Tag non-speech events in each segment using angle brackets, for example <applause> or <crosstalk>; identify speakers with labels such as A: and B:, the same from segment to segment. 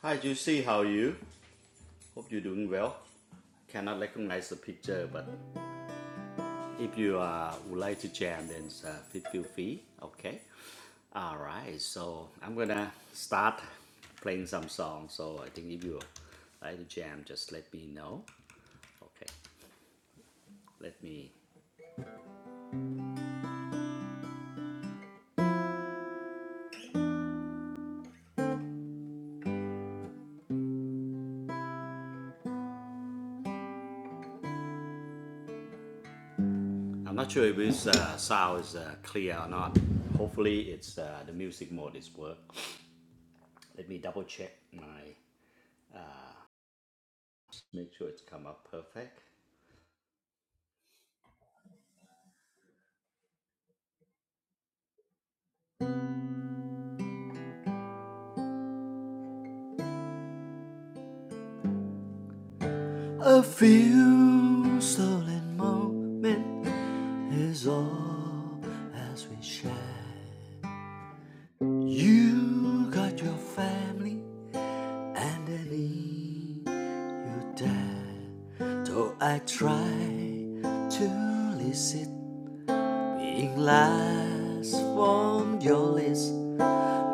A: Hi Juicy, how are you? Hope you're doing well. Cannot recognize the picture, but if you uh, would like to jam, then uh, feel, free. Okay. All right. So I'm gonna start playing some songs. So I think if you like to jam, just let me know. Okay. Let me. I'm not sure if this uh, sound is uh, clear or not. Hopefully, it's uh, the music mode is work. Let me double check my. Make sure it's come up perfect. A few stolen moments is all as we share. You got your family, and I need you there. Though I try to listen, being last from your list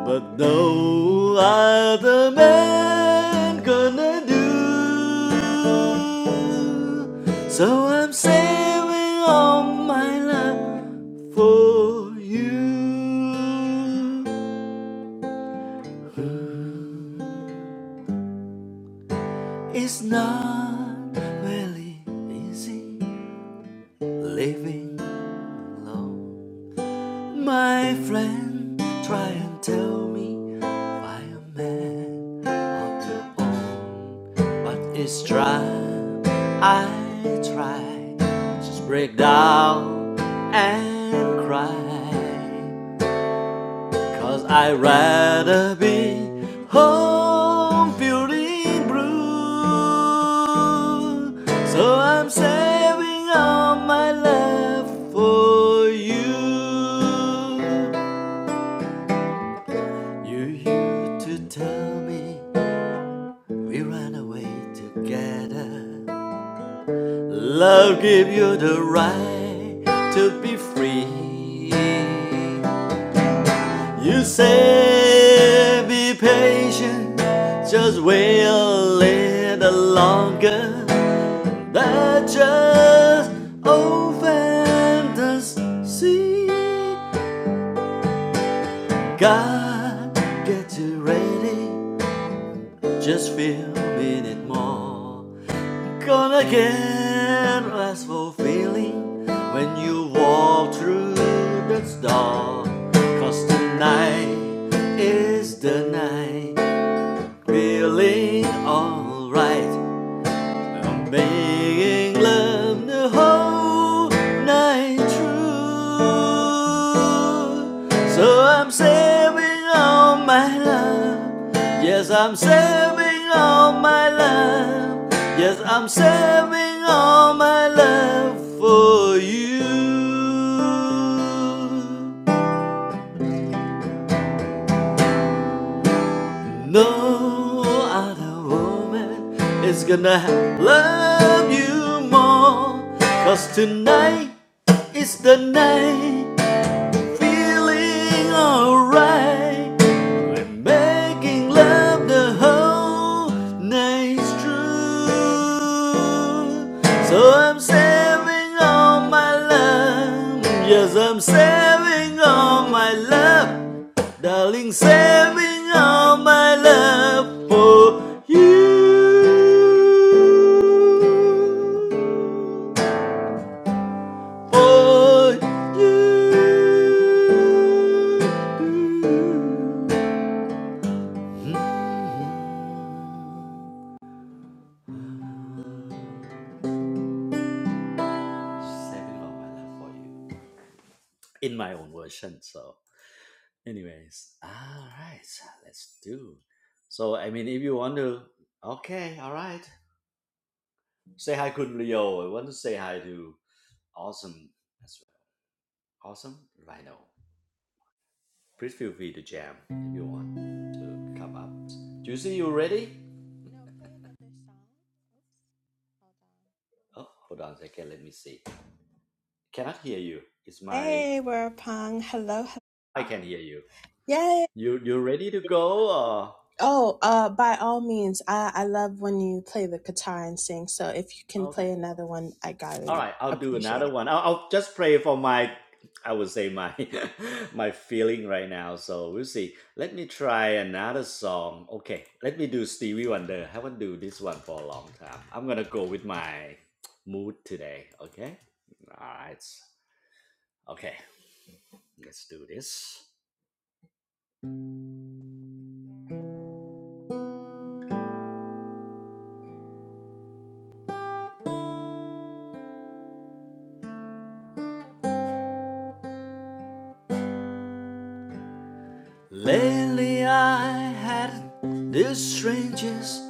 A: But no other man gonna do. So I'm saving all my love for you. It's not really easy living alone. My friend, try and tell me if I am a man of your own, but it's dry. I try, just break down and cry. 'Cause I'd rather be home feeling blue. So I'm saving all my love for you. You used to tell me we ran away together. Love gave you the right to be free. You say be patient, just wait a little longer. That just opened the sea. God, get you ready, just feel a minute more. Gonna get restful feeling when you walk through the door. Cause tonight is the night, feeling alright. I'm making love the whole night through. So I'm saving all my love. Yes, I'm saving all my love. Yes, I'm saving all my love for you. No other woman is gonna love you more. Cause tonight is the night Feeling alright. I'm making love the whole night through. So I'm saving all my love. Yes, I'm saving all my love. Darling, saving all my love for you. For you. Mm-hmm. She's Saving all my life for you. In my own version. So, anyways, all right, let's do. So, I mean, if you want to, okay, all right. Say hi, Kun Leo. I want to say hi to Awesome. as well. Awesome Rhino. Please feel free to jam if you want to come up. Juicy, you ready?
B: No, play another song. Oops.
A: Oh, hold on a second. Let me see. Cannot hear you. It's my.
B: Hey, we're Pong. Hello. he-
A: I can hear you.
B: Yay.
A: You you ready to go? Or...
B: Oh, uh, by all means, I, I love when you play the guitar and sing. So if you can
A: Okay.
B: play another one, I
A: All
B: gotta
A: right. I'll do
B: appreciate
A: another
B: it.
A: one. I'll, I'll just pray for my, I would say my, <laughs> my feeling right now. So we'll see. Let me try another song. Okay. Let me do Stevie Wonder. Haven't do this one for a long time. I'm gonna go with my mood today. Okay. All right. Okay. Let's do this. Lately I had this strangest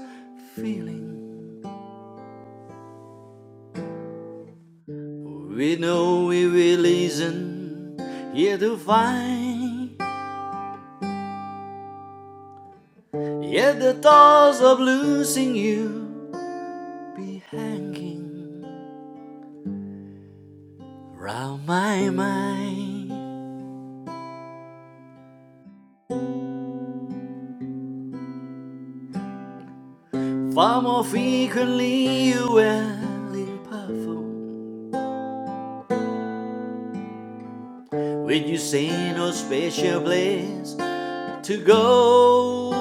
A: feeling We know we will listen here to find. Yet the thoughts of losing you be hanging round my mind. Far more frequently you will in perfume. When you say no special place to go.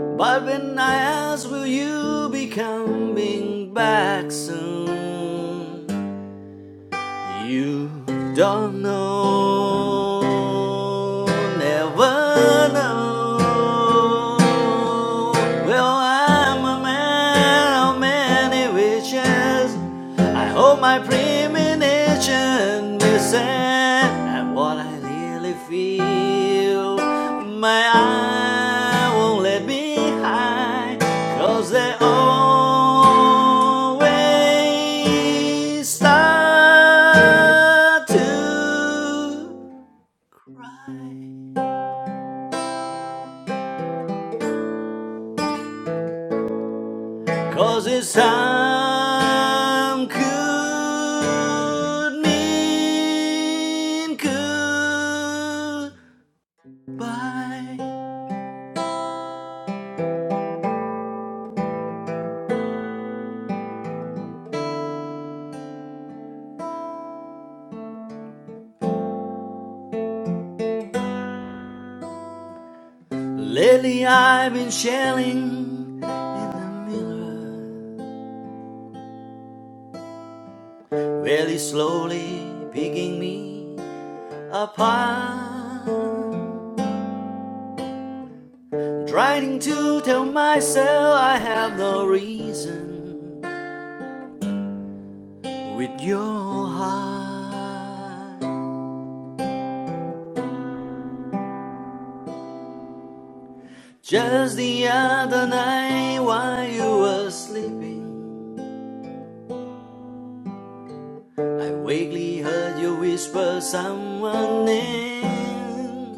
A: But when I ask, will you be coming back soon? You don't know, never know. Well, I'm a man of many wishes. I hope my premonition misses and what I really feel. My eyes won't let me hide, 'cause they always start to cry. 'Cause it's time could mean goodbye. Lately I've been shelling in the mirror, really slowly picking me apart. Trying to tell myself I have no reason with your heart. Just the other night while you were sleeping, I vaguely heard you whisper someone's name.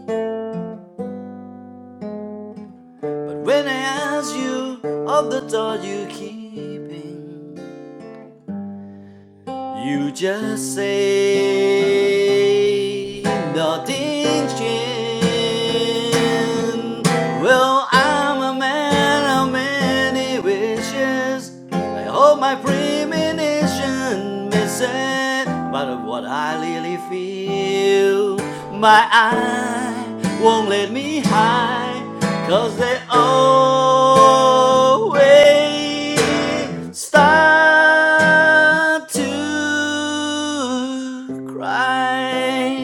A: But when I ask you of the thought you're keeping, you just say nothing's changed. Well, I'm a man of many wishes. I hope my premonition misses. But of what I really feel, my eye won't let me hide. 'Cause they always stop to cry,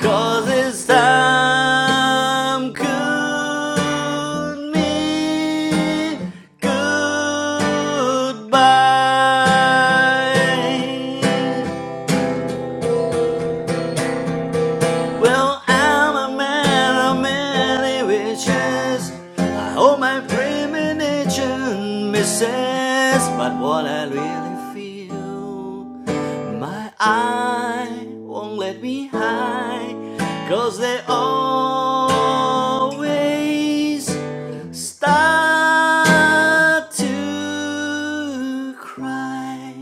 A: 'cause it's time could mean goodbye. Well, I'm a man of many wishes. I hope my premonition misses. But what I really feel, my eye won't let me hide, 'cause they always start to cry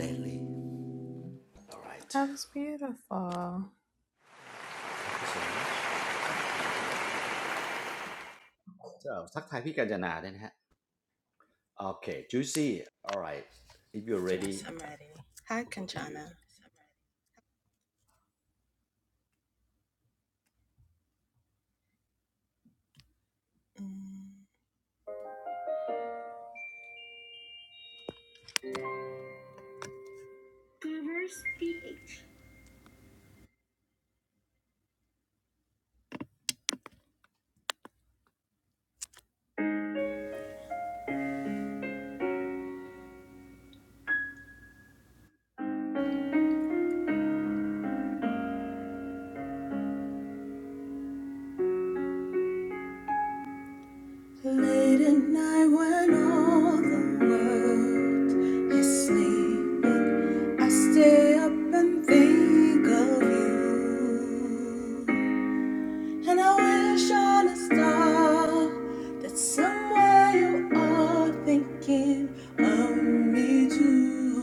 A: lately. All right.
B: That was beautiful.
A: Thank you so much. I haven't seen this one for a while. So, Sathai Pijanana, then, okay, Juicy, all right. If you're
B: Yes,
A: ready,
B: I'm ready. Hi,
A: we'll go to you.
B: Kanchana. Mm. Reverse the Late at night when all the world is sleeping, I stay up and think of you. And I wish on a star that somewhere you are thinking of me too.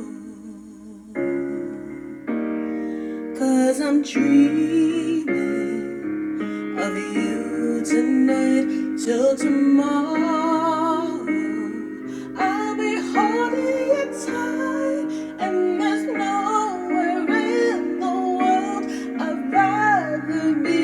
B: Cause I'm dreaming of you tonight till tomorrow. I'll be holding you tight, and there's nowhere in the world I'd rather be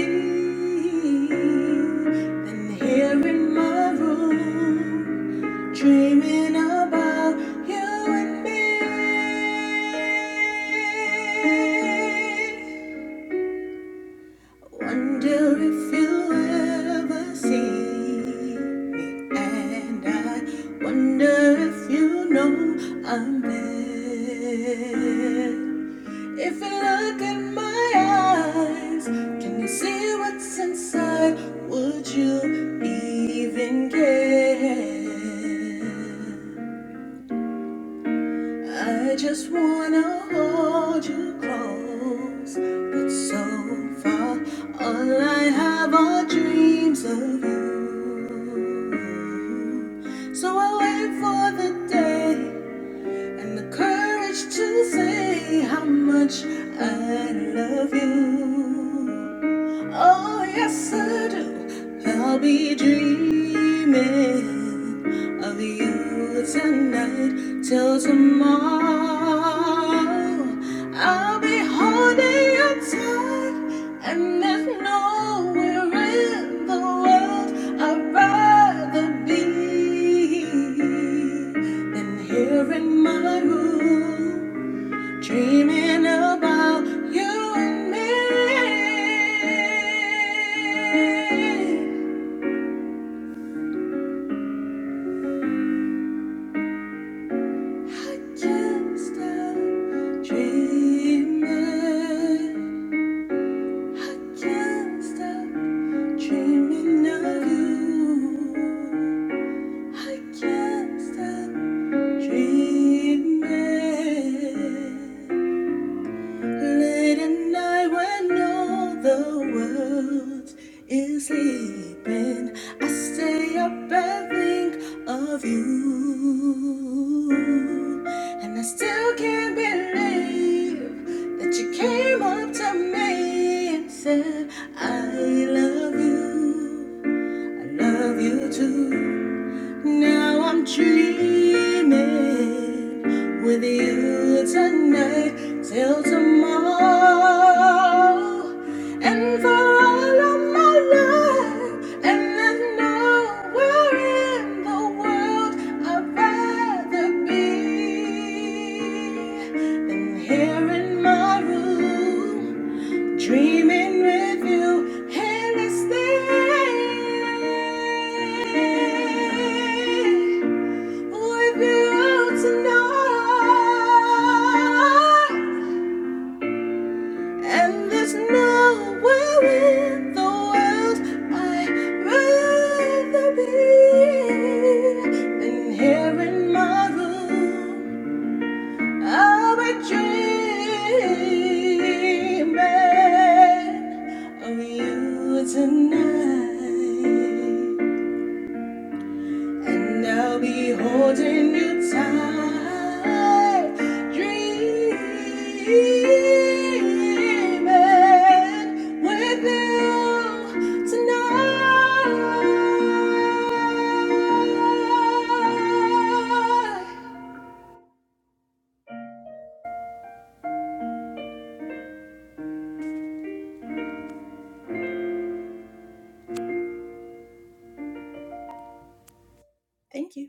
B: than here in my room, dreaming about you and me. Wonder if you ever see me, and I wonder if you know I'm there. If you look in my eyes, can you see what's inside? Would you even care? I just wanna hold you close, but so far all I have are dreams of you. So I wait for the day and the courage to say how much I love you. Oh, yes, I do. I'll be dreaming of you tonight till tomorrow. I'll be holding you tight, and there's nowhere in the world I'd rather be than here in my room. Dreaming about you and me. I can't stop dreaming. I can't stop dreaming of you. I can't stop dreaming. Late at night when all the world is sleeping, I stay up and think of you. And I still can't believe that you came up to me and said, I love you. I love you too. Now I'm dreaming with you tonight till tomorrow and for all of my life. And there's nowhere in the world I'd rather be than here in my room. Dreaming with you, endlessly. With you tonight, and there's nowhere in the world I'd rather be than here in my room. I'm a dreaming of you tonight, and I'll be holding you tight, dreaming with you tonight. Thank you,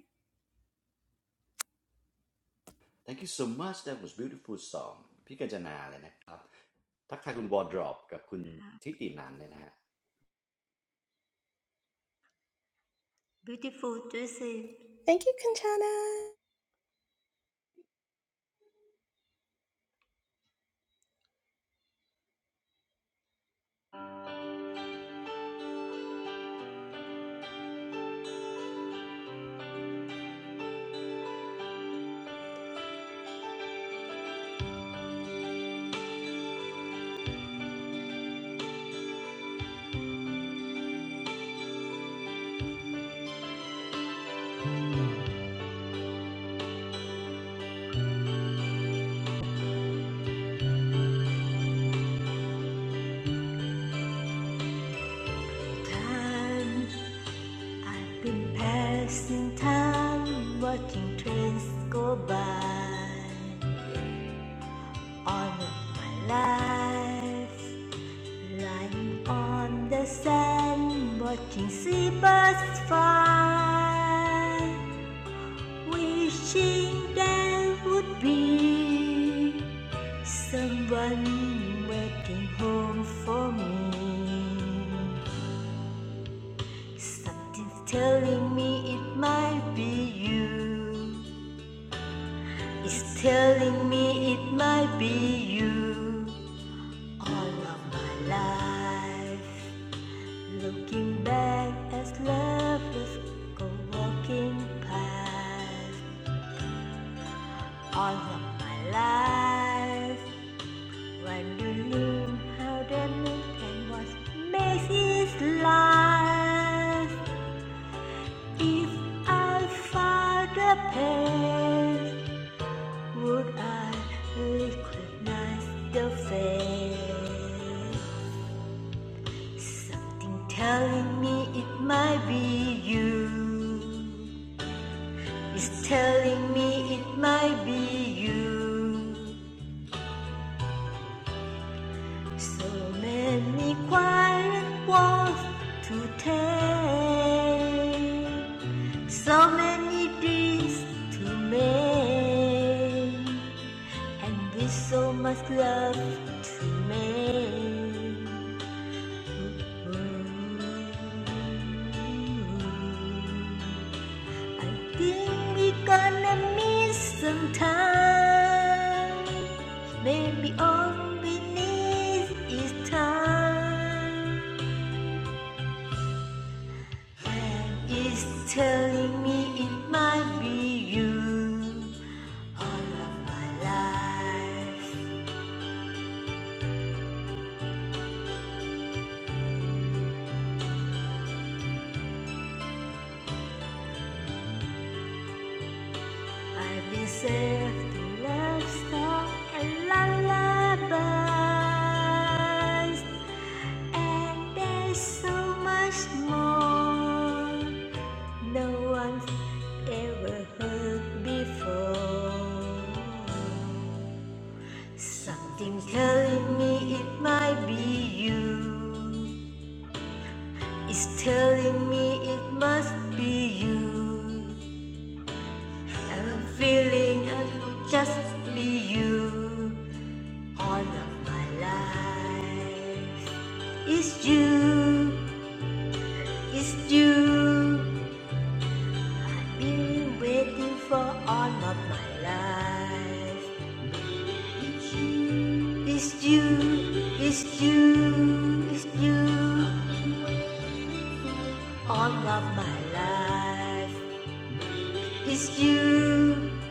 A: Thank you so much. That was beautiful song. Pijanana, then, Sathai, you Wardrop, and you Thiti Narn, then,
C: Beautiful to see.
B: thank you, Conchana.
C: Time, I've been passing time, watching trains go by. All of my life, lying on the sand, watching seabirds fly. Wishing there would be someone waiting home for me. Something's telling me it might be you. It's telling me it might be you. All of my life, looking back as lovers go walking past. All of my life, wondering how the and was Macy's life. If I found a place Would I liquidate the face? Something telling me it might be you. It's telling me it might be you. So many quiet walks to take. So many deeds to make. And with so much love to make. I think we're gonna miss some time. Maybe all we need is time. And it's telling me it might be you. All of my life, I've been saved to love song and lullabies. And there's so much more no one's ever heard before. Something telling me it might be you. It's telling me it must be you. I'm feeling I will just be you all of my life. It's you, it's you. Been waiting for all of my life. It's you, it's you, it's you. it's you. All of my life. It's you,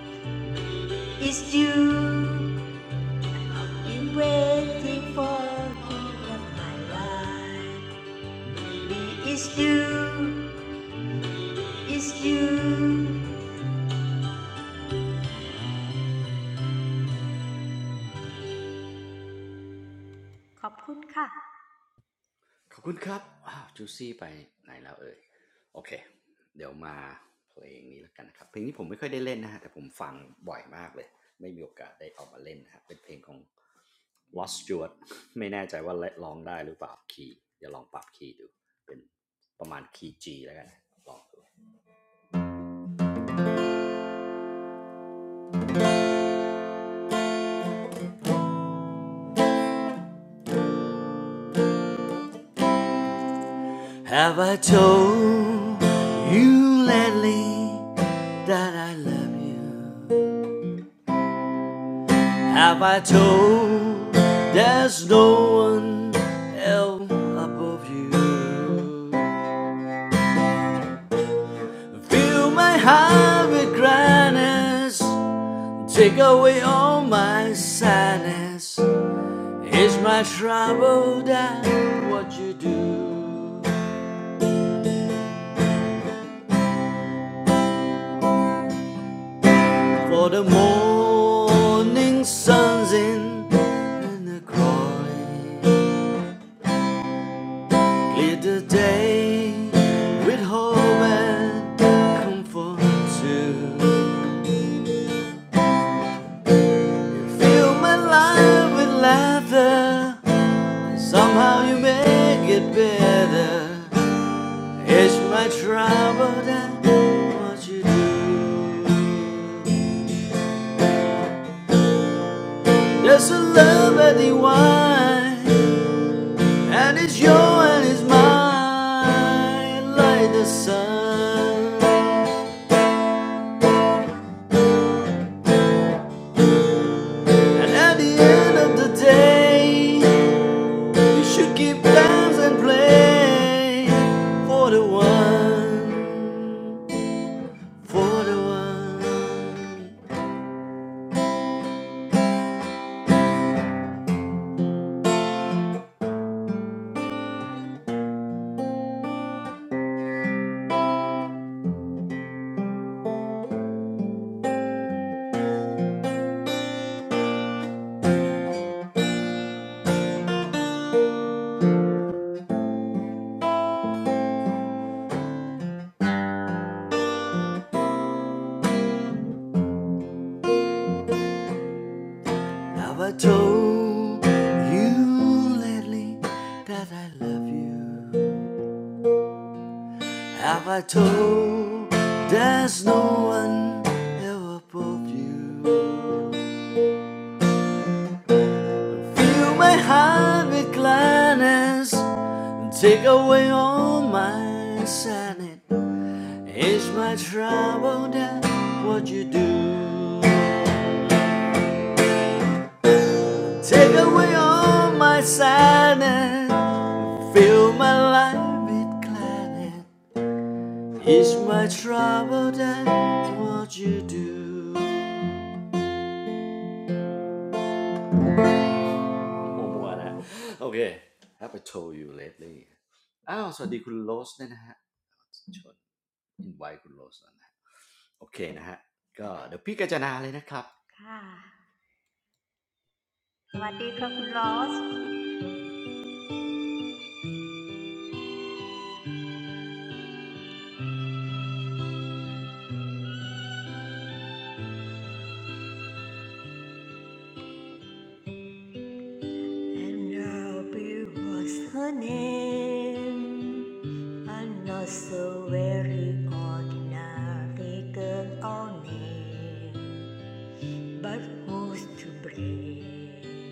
C: it's you. Been waiting for all of my life. it's you, it's you. ขอบคุณค่ะ
A: thank you, thank you. Wow, Juicy, where did you go? Okay, let's play this song. This song I haven't played, but I listen to it a lot. I haven't had a chance to play it. It's a song of l o s t Stewart <laughs> ไม่แน่ใจว่าเละร้องได้หรือเปล่าคีย์เดี๋ยวลองปรับคีย์ดู G แล้วกันลองดู Have I told you lately that I love you Have I told there's no one else above you Fill my heart with gladness Take away all my sadness Is my trouble that what you do for the morning sun's in and the glory? Clear the day with hope and comfort too. Fill my life with laughter. Somehow you make it better. It's my trouble that what you do. There's a love at the wine, and it's your and it's mine, like the sun. And at the end of the day, we should keep dance and play for the one, for the one. Have I told you lately that I love you? Have I told there's no one ever above you? Feel my heart with gladness and take away all my sadness. It's my trouble that what you do. Take away all my sadness, fill my life with gladness. It's my trouble that what you do. มัวๆนะ have I told you lately อ้าวสวัสดีคุณโรสด้วยนะฮะชวนอินไว้คุณโรสนะฮะโอเคนะฮะ
C: ค่ะสวัสดีค่ะคุณลอส And Robbie was her name, and not so very ordinary girl or name. But who's to blame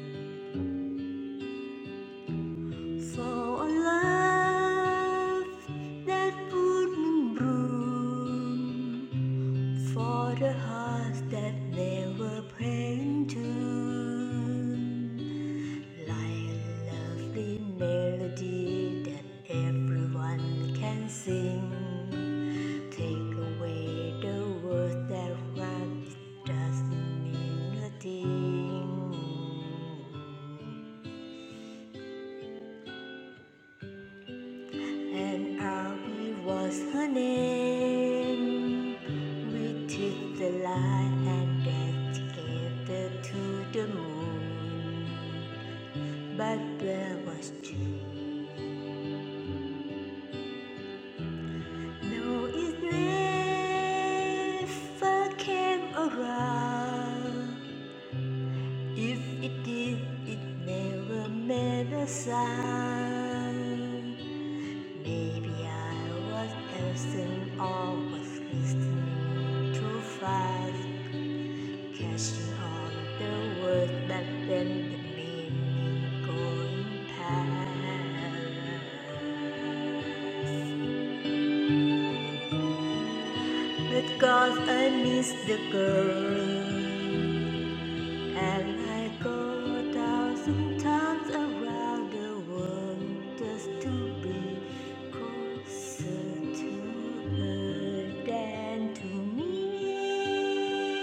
C: for a love that wouldn't bloom, for the hearts that they were praying to? Like a lovely melody that everyone can sing. Take away the words that rhyme, it doesn't mean a thing. And Abby was her name. We took the light and danced together to the moon. But where was you? No, it never came around. If it did, it never made a sound. Maybe I was absent or was listening too fast, catching on the words that then the meaning going past. Because I miss the girl And I go a thousand times around the world Just to be closer to her than to me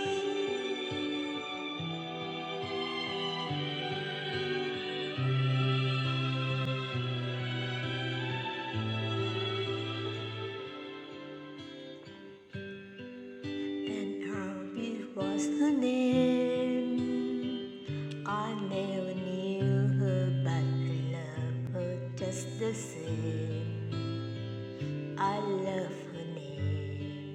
C: And Harvey was her name I never knew her but I love her just the same I love her name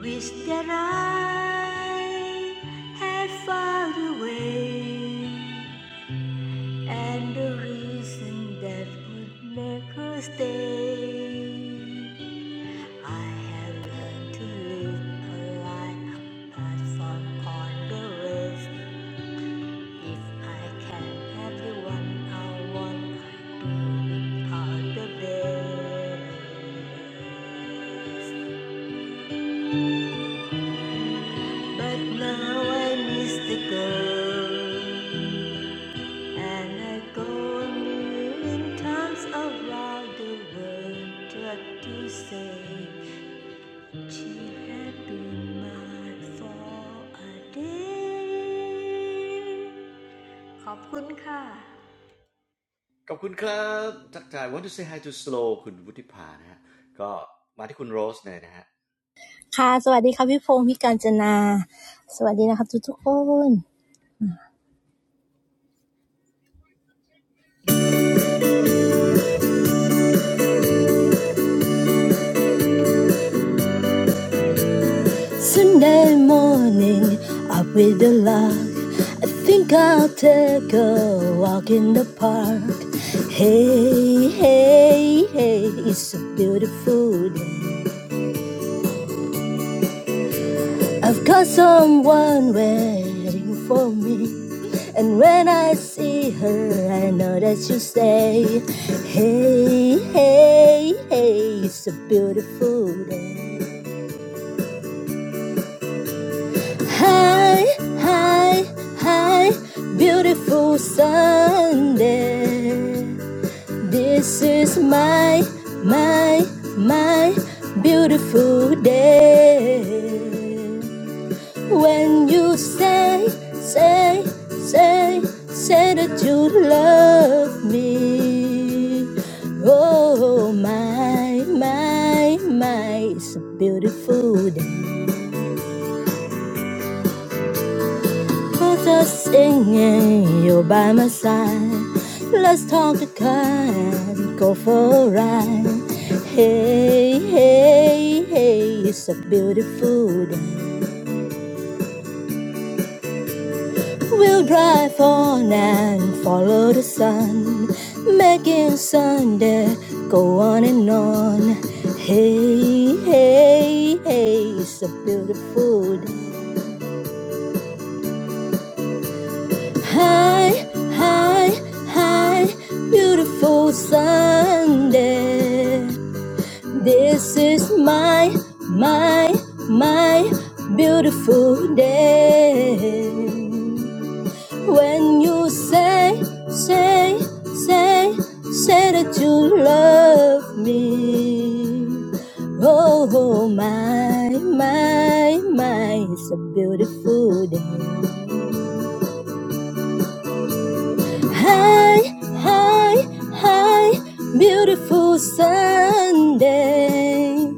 C: Wish that I had found a way and a reason that would make her stay. I have learned to live a life apart from all the rest. If I can have the one I want, I do without the best. But now I miss the girl, and I go a million times around the world try to say she had been mine for a day. ขอบคุณค่ะ
A: want to say hi to slow คุณวุฒิภานะฮะ
D: ค่ะ Sunday morning up with the lark I think I'll take a walk in the park Hey hey hey it's a beautiful day I've got someone waiting for me And when I see her I know that she'll stay Hey hey hey it's a beautiful day Hi, hi, hi, beautiful Sunday. This is my, my, my beautiful day. When you say, say, say, say that you love me. Oh, my, my, my, it's a beautiful day. Put a singing, you're by my side. Let's talk a kind, go for a ride. Hey, hey, hey, it's a beautiful day. We'll drive on and follow the sun, making Sunday go on and on. Hey, hey, hey, it's a beautiful day. Hi, hi, hi, beautiful Sunday. This is my, my, my beautiful day. When you say, say, say, say that you love me. Oh, oh, my, my, my, it's a beautiful day. Hi, hi, hi, beautiful Sunday.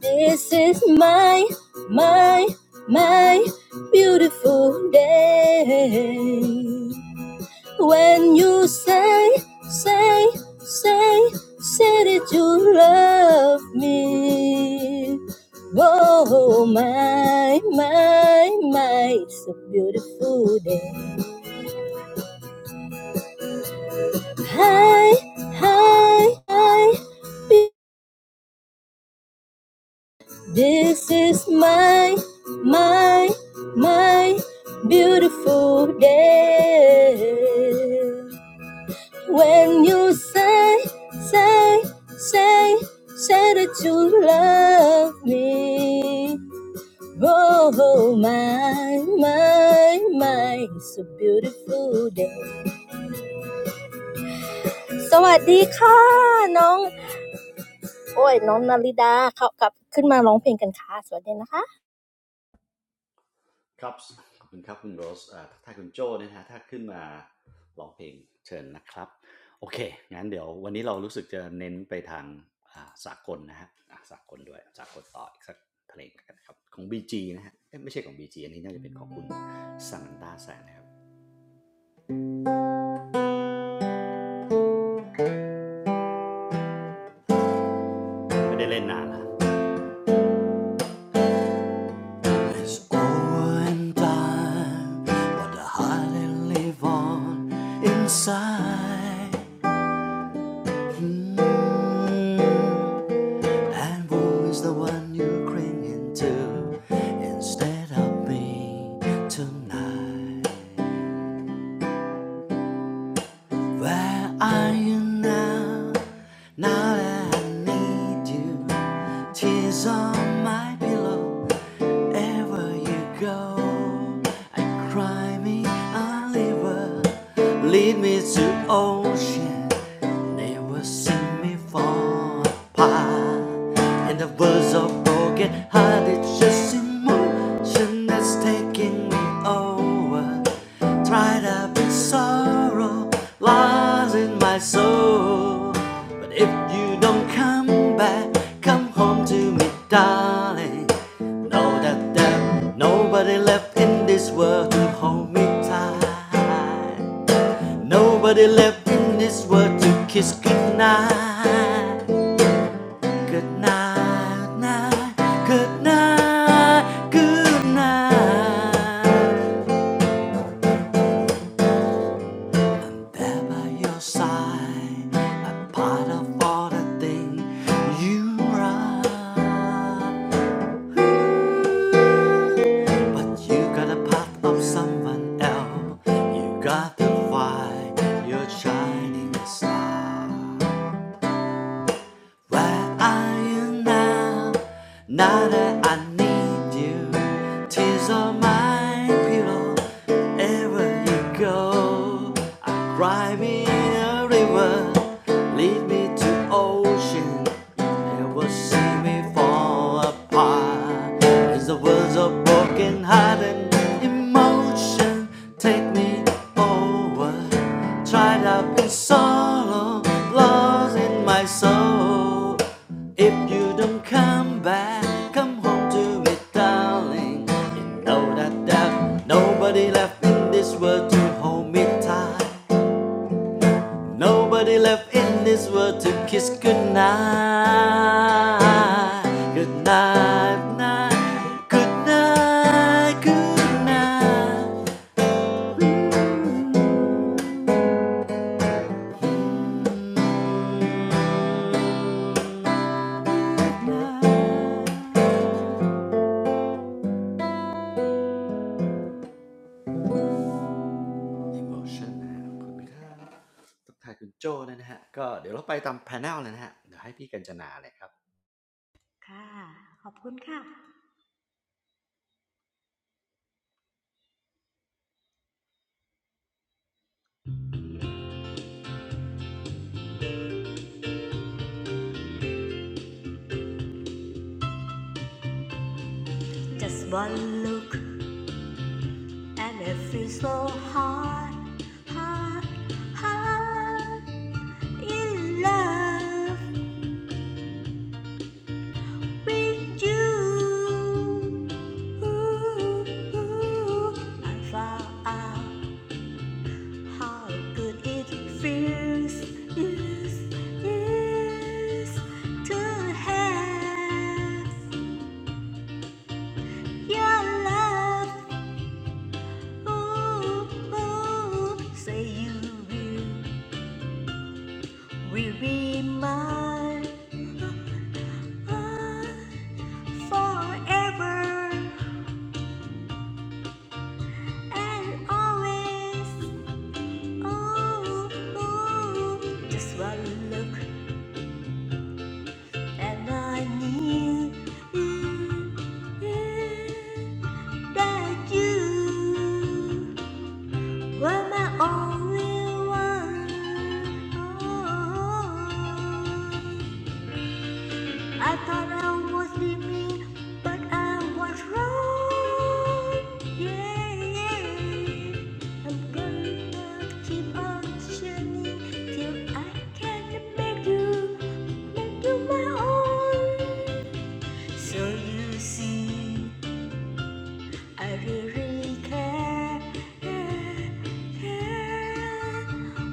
D: This is my, my, my beautiful day. When you say, say, say, say that you love me. Oh, my, my, my, it's a beautiful day. Hi, hi, hi. This is my, my, my beautiful day. When you say, say, say, say that you love me. Oh, oh, my, my, my, it's a beautiful day. สวัสดีค่ะน้อง โอ้ยน้องนาริดาเขากลับขึ้นมาร้องเพลงกันค่ะสวัสดีนะคะ
A: ครับขอบคุณครับคุณโรสเอ่อทักทายคุณโจ้ด้วยนะฮะถ้าขึ้นมาร้องเพลงเชิญนะครับโอเคงั้นเดี๋ยววันนี้เรารู้สึกจะเน้นไปทางอ่าสากลนะฮะอ่ะสากลด้วยสากลต่ออีกสักเพลงกันนะครับของ BG นะฮะเอ๊ะไม่ใช่ของ BG อันนี้น่าจะเป็นของคุณสังตาแสนนะครับไม่ได้เล่นนานนะ It's over in time, but the heart they live on inside. Hmm. And who is the one you're clinging to instead of me tonight? Where are you now? Now that I need you, tears on my pillow. Wherever you go, I cry me a river. Lead me to ocean. and They will see me fall apart. And the words of broken heart, it's just emotion that's taking me over. Tried to be sorrow, lost in my soul. But if you don't come back, come home to me, darling. Know that there's nobody left in this world to hold me tight. Nobody left in this world to kiss goodnight. goodnight, night, goodnight, goodnight. There by your side, a part of all the thing you are. But you got a part of someone else. You got the fire, you're shining star. Where are you now? Now that I need you, tears are my pillow. Wherever you go, I cry me a river, lead me to ocean. Never see me fall apart. As the world's a Working hard and emotion take me over. Tried up in sorrow, lost in my soul. If you don't come back, come home to me, darling. You know that there's nobody left in this world to hold me tight. Nobody left in this world to kiss goodnight. goodnight, night, goodnight, goodnight. night, good night. Emotion นะฮะขอบคุณครับทักทายคุณโจ้ด้วยนะฮะก็เดี๋ยวเราไปตามแพนเนลเลยนะฮะเดี๋ยวให้พี่กัญจนาเลยครับ
C: Just one look and it feels so hard, hard, hard in love. with you. Ooh, ooh, I found out how good it feels yes, yes, to have your love. Ooh, ooh, say you will, will be mine ah, forever and always. Oh, oh, just one look and I knew mm, mm, that you were my only one. Oh, oh, oh. I thought I was dreaming, but I was wrong. Yeah, yeah. I'm gonna keep on shining till I can make you, make you my own. So you see, I really care, care, care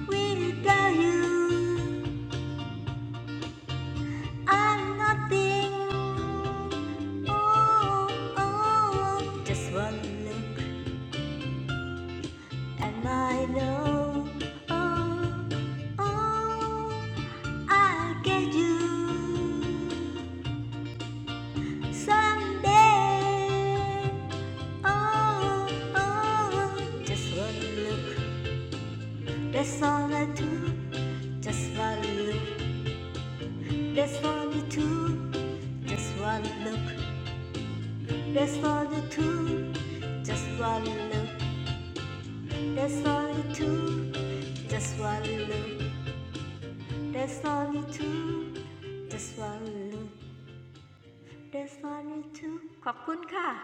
C: without you. I'm nothing. Oh, oh, just one look and I know. Oh, oh, I'll get you someday. Oh, oh, just one look. That's all I do. Just one look. That's all you do. Just one look. That's all you do. Just one look. There's only two, just one look. There's only two, just one look. There's only two ขอบคุณค่ะ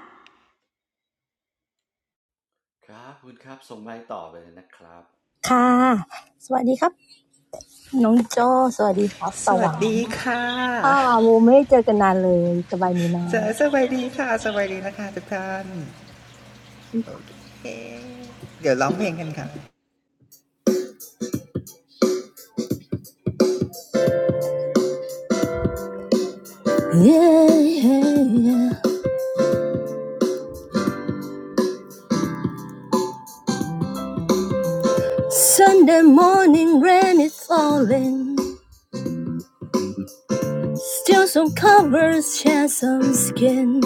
A: ครับขอบคุณครับส่งไลน์ต่อไปเลยนะครับ
D: ค่ะสวัสดีครับ
E: สวัสดีค่ะเจะสวัสดีค่ะ
D: น้องโจสวัสดีครับตะหวันอ้าวโมไม่ได้เจอกันนานเลยสบายดีนะ
E: สวัสดีนะคะทุกท่านโอเคเดี๋ยวร้องเพลงกันค่ะ
D: yeah, yeah, yeah. Sunday morning rain is falling Still some covers share some skin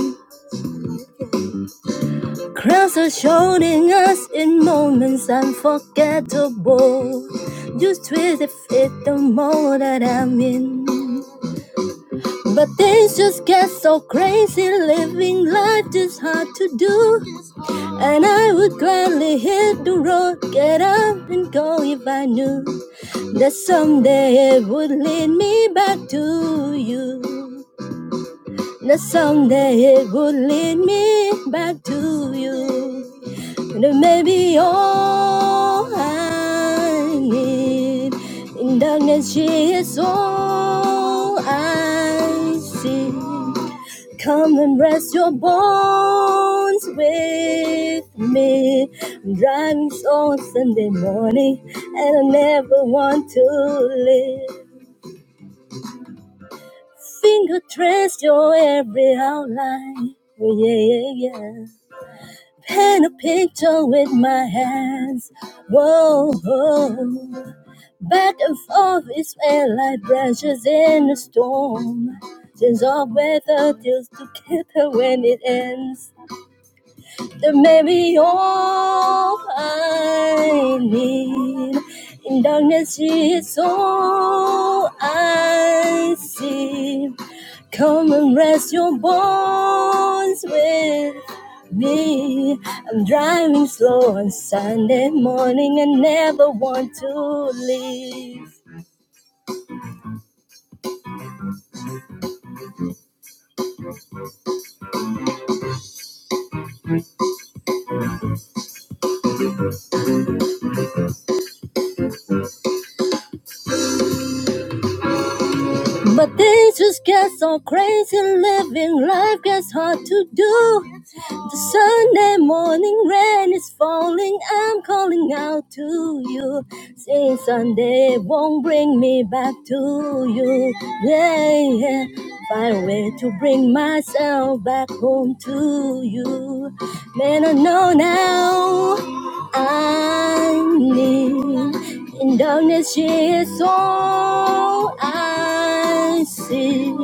D: Crowds are shouting us in moments unforgettable Just twist it fit the mode that I'm in But things just get so crazy. Living life is hard to do. And I would gladly hit the road, get up and go if I knew that someday it would lead me back to you. That someday it would lead me back to you. And it may be all I need. In darkness, she is all I see. Come and rest your bones with me. I'm driving on Sunday morning, and I never want to leave. Finger trace your every outline. Oh, yeah, yeah, yeah. Paint a picture with my hands. Whoa, whoa. Back and forth, is felt like branches in a storm. Change of weather deals together when it ends. That may be all I need. In darkness, she is all I see. Come and rest your bones with me. I'm driving slow on Sunday morning and never want to leave. But things just get so crazy, living life gets hard to do. The Sunday morning rain is falling. I'm calling out to you. Saying Sunday won't bring me back to you. Yeah, yeah. Find a way to bring myself back home to you. Man, I know now I need. In darkness, she is all I see.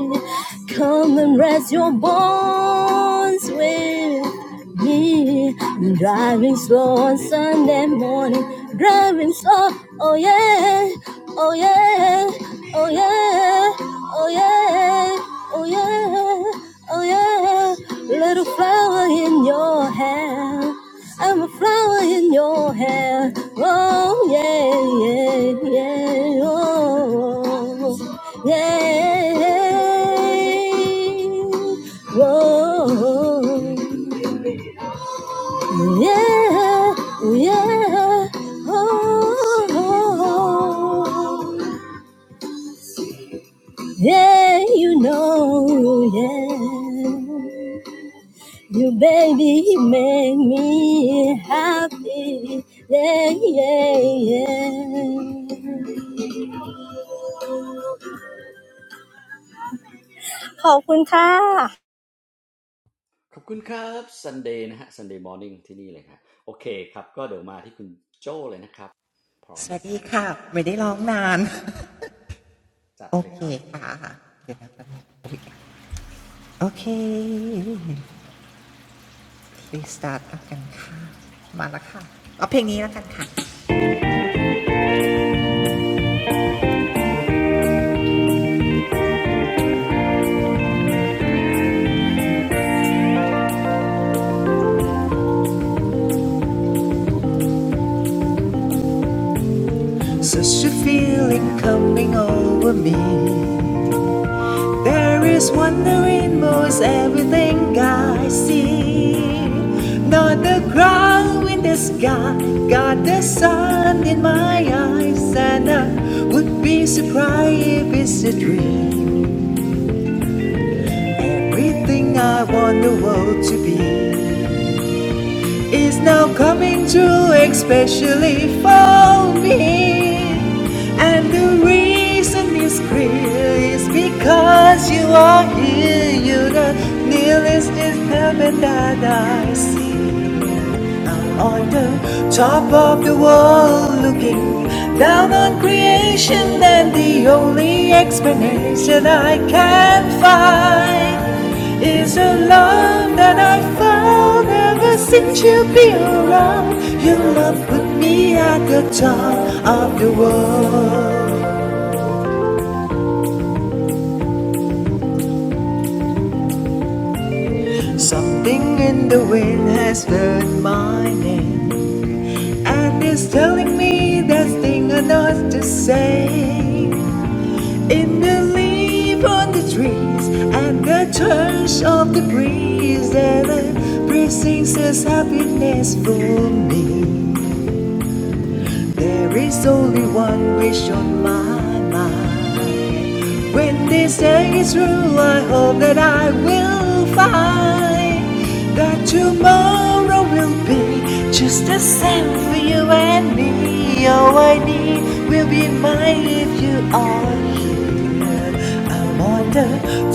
D: Come and rest your bones with yeah, I'm driving slow on Sunday morning. Driving slow. Oh yeah. Oh yeah. Oh yeah. Oh yeah. Oh yeah. Oh yeah. Little flower in your hair. I'm a flower in your hair. Oh yeah, yeah, yeah. Oh, yeah. Whoa. Ooh, yeah, ooh, yeah, oh, oh, oh. yeah, you know, yeah, you baby you make me happy, yeah, yeah, yeah. ขอบคุณค่ะ
A: ขอบคุณครับ Sunday นะฮะ Sunday morning ที่นี่เลยครับโอเคครับก็เดี๋ยวมาที่คุณโจ้เลยนะครับ
E: <laughs> สวัสดีค่ะไม่ได้ร้องนานโอเคค่ะเดี๋ยวนะครับโอเค please start เอากันค่ะมาแล้วค่ะเอาเพลงนี้แล้วกันค่ะ Such a feeling coming over me There is wonder in most everything I see. Not the ground in the sky, got the sun in my eyes, and I would be surprised if it's a dream. Everything I want the world to be. is now coming true, especially for me. And the reason is clear is because you are here. You're the nearest is heaven that I see on the top of the world looking down on creation and the only explanation I can find is a love that I found ever since you've been around. Your love put me at the top of the world. Something in the wind has heard my name and is telling me there's thing enough to say. In the leaf on the trees and the touch of the breeze and the precincts says happiness for me. There is only one wish on my mind. When this day is through, I hope that I will find that tomorrow will be just the same for you and me. All I need will be mine if you are here. I'm on the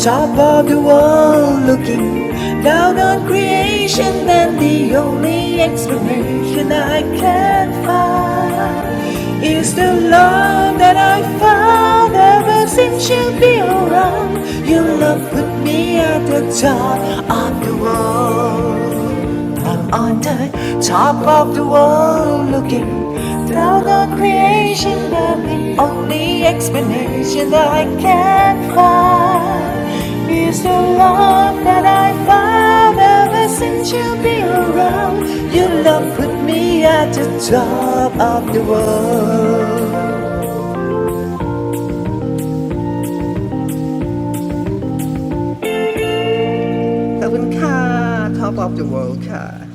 E: top of the world looking down on creation, and the only explanation I can find is the love that I found ever since you've been around. Your love put me at the top of the world. I'm on the top of the world looking down on creation, but the only explanation that I can find is the love that I found ever since you've been around. Your love put me at the top of the world. ขอบคุณค่ะ Top of the World ค่ะ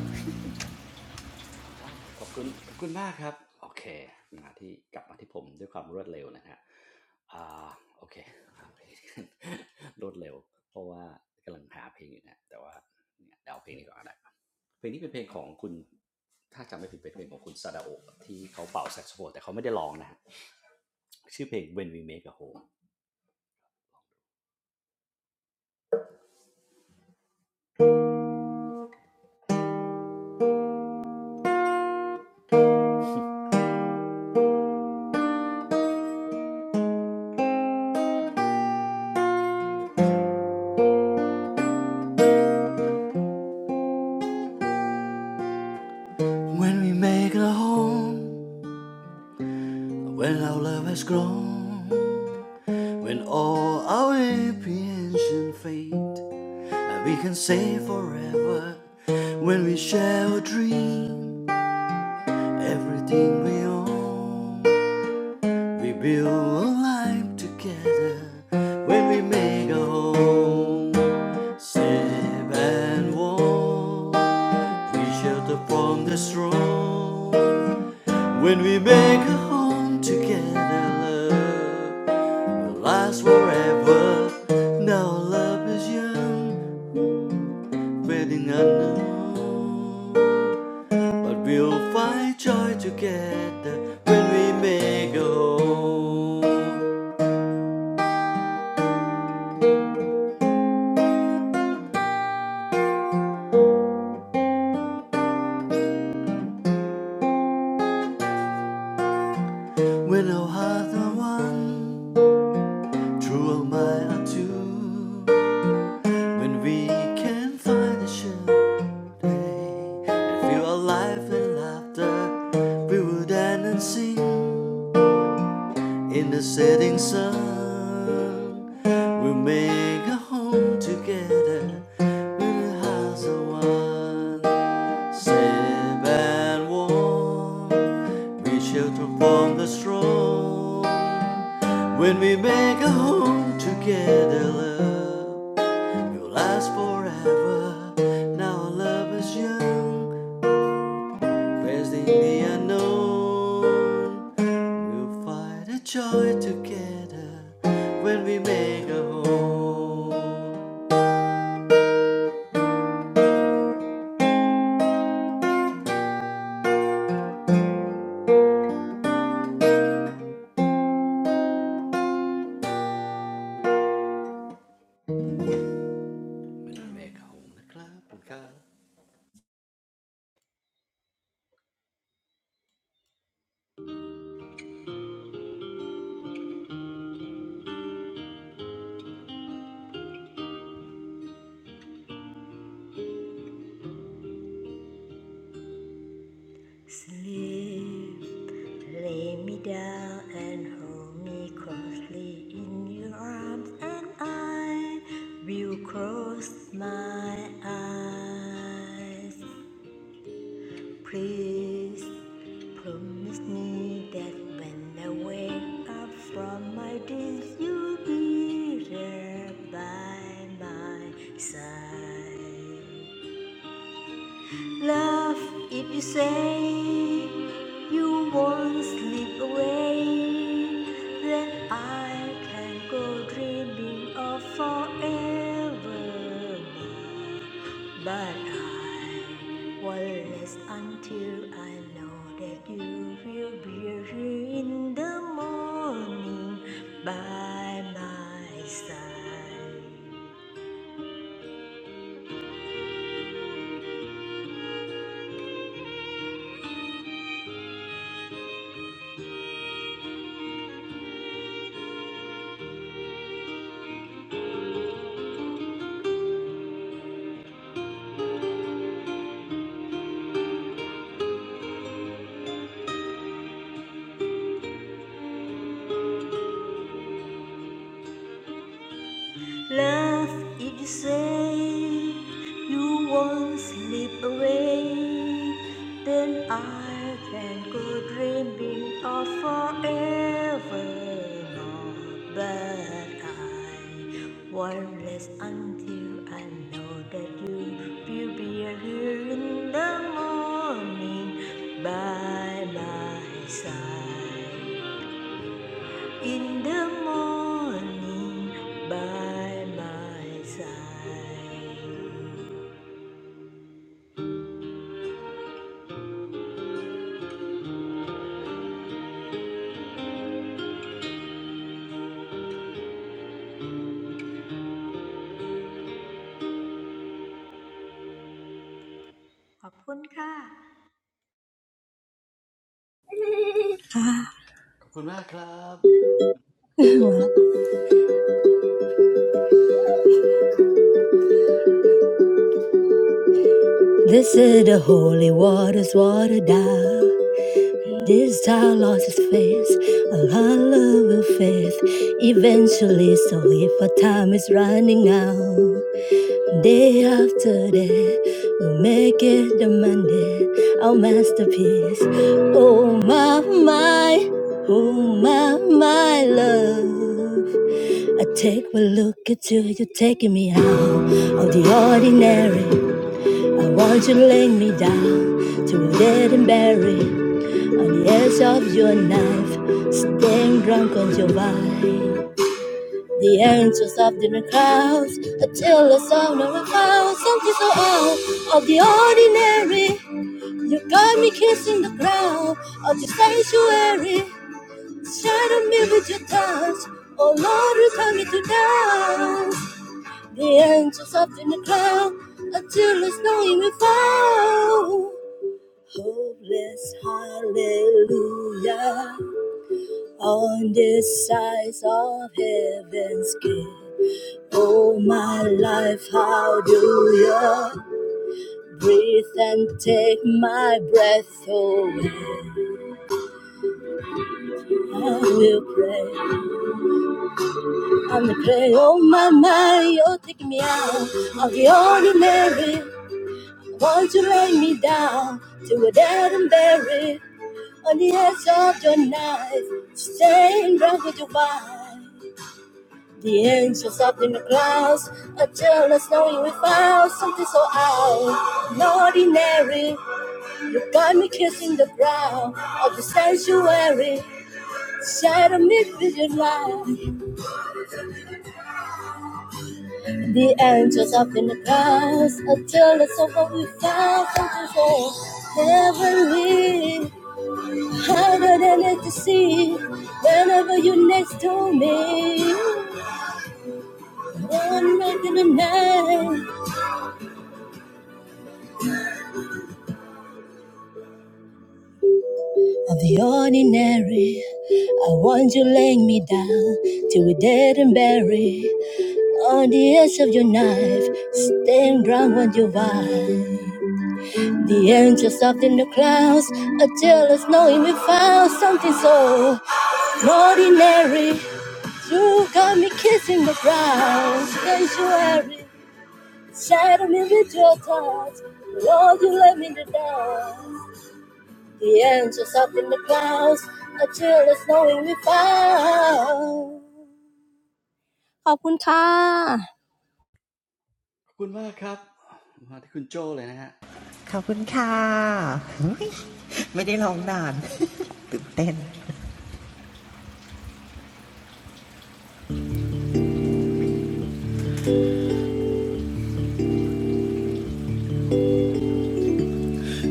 A: When <laughs> We Make a Home When we make a home, when our love has grown, when all our apprehension fade, and we can say forever, when we share a dream, everything we own. We build a life together when we make a home safe and warm. We shelter from the storm when we make a home together. Love will last forever. Now love is young, fading unknown. But we'll find joy together when we make a home. When our hearts are one, true our minds are two. When we can find a shared play and feel alive with laughter, we will dance and sing in the setting sun. We'll make a home together in a house of one. Safe and warm, we shelter from the storm. When we make a home together, love, we will last forever. Now our love is young Facing the unknown, we'll find a joy together when we make a home. When we make a home นะครับขอบคุณครับขอบคุณมากครับ
C: Sleep, lay me down and hold me closely in your arms and I will close my eyes. Please Promise me that when I wake up from my dreams, you'll be there by my side. Love, if you say you won't slip away, then I can go dreaming of forever. But I will rest until I know that you will be here in the morning by my side. Love if you say you won't slip away, then I can go dreaming of forever more. But I won't rest until I know that you will be here in the morning by my side. In the morning by my side ขอบคุณค่ะค่ะขอบคุณค่ะจบเพลงนี้แล้วขอตัวไปนอนก่อนนะคะ.
D: This is the holy waters water down. This child lost his faith, a lot of love of faith. Eventually, so if our time is running out, day after day, we'll make it the Monday, our masterpiece. Oh my, my, oh my, my love. I take one look at you, you're taking me out of the ordinary. I want you to lay me down to dead and buried on the edge of your knife, staying drunk on your vine. The angels of the crowds, until the sound of a vows, something so out of the ordinary. You got me kissing the ground of your sanctuary. Shadow me with your touch. Oh Lord, return me to dance. The angels up in the cloud until it's no even found. Hopeless, hallelujah. On the sides of heaven's gate. Oh, my life, how do you breathe and take my breath away? I will pray, I will pray. Oh, my, my, you're taking me out of the ordinary. I want you to lay me down to a dead and buried. On the edge of your knife, stained red with your wine. The angels up in the clouds are jealous knowing we found something so out. and Ordinary, you got me kissing the brow of the sanctuary. Shadow me with your light. The angels up in the clouds are jealous of what we found something so heavenly. Harder than it to see whenever you're next to me. One regular night of the ordinary. I want you laying me down till we dead and buried. On the edge of your knife, staying ground when you vibe. The angels up in the clouds are jealous, knowing we found something so ordinary. You got me kissing the ground, sanctuary. Shadow me with your touch, Lord, you let me down. The angels up in the clouds, a chill is knowing we've found. ขอบคุณค่ะ
A: ขอบคุณมากครับมาที่คุณโจเลยนะฮะ
E: ขอบคุณค่ะเฮ้ยไม่ได้ร้องนานตื่นเต้น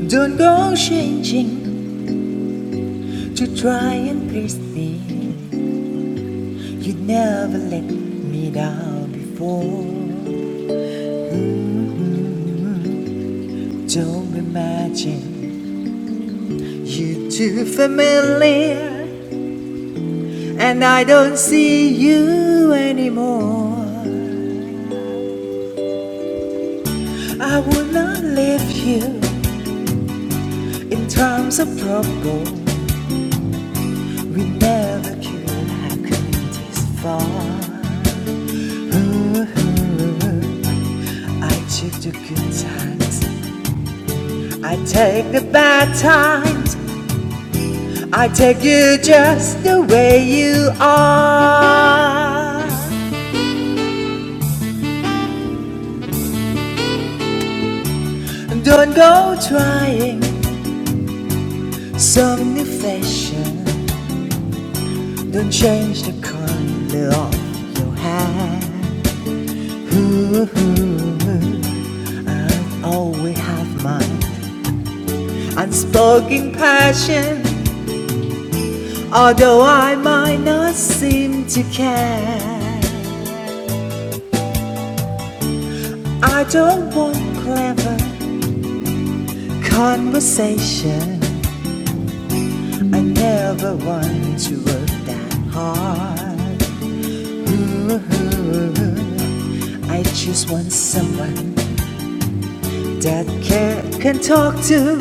E: Don't go changing to try and please me. You never let me down before. Don't imagine you are too familiar, and I don't see you anymore. I will not leave you in terms of trouble. We never could have come this far. Ooh, I took the good times I take the bad times, I take you just the way you are. Don't go trying some new fashion, don't change the color of your hair. Ooh, I always have my unspoken passion, although I might not seem to care. I don't want clever. Conversation. I never want to work that hard. Ooh, I just want someone that care can talk to.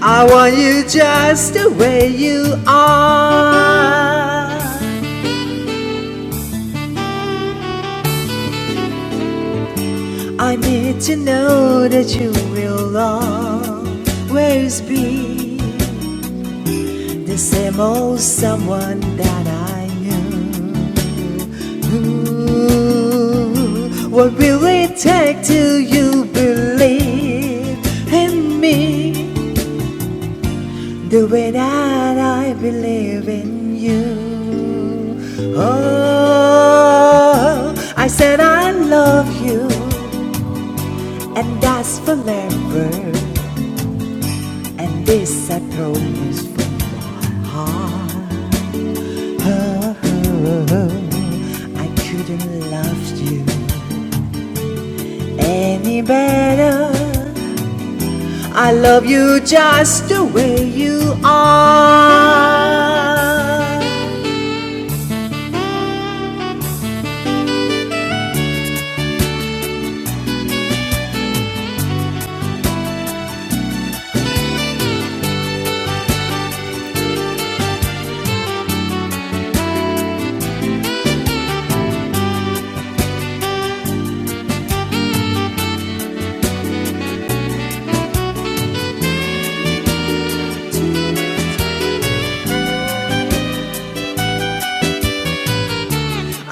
E: I want you just the way you are. I need to know that you will always be The same old someone that I knew. Ooh, what will it take till you believe in me the way that I believe in you? Oh, I said I love you, and that's forever, and this I promise from my heart. Oh, oh, oh. I couldn't love you any better. I love you just the way you are.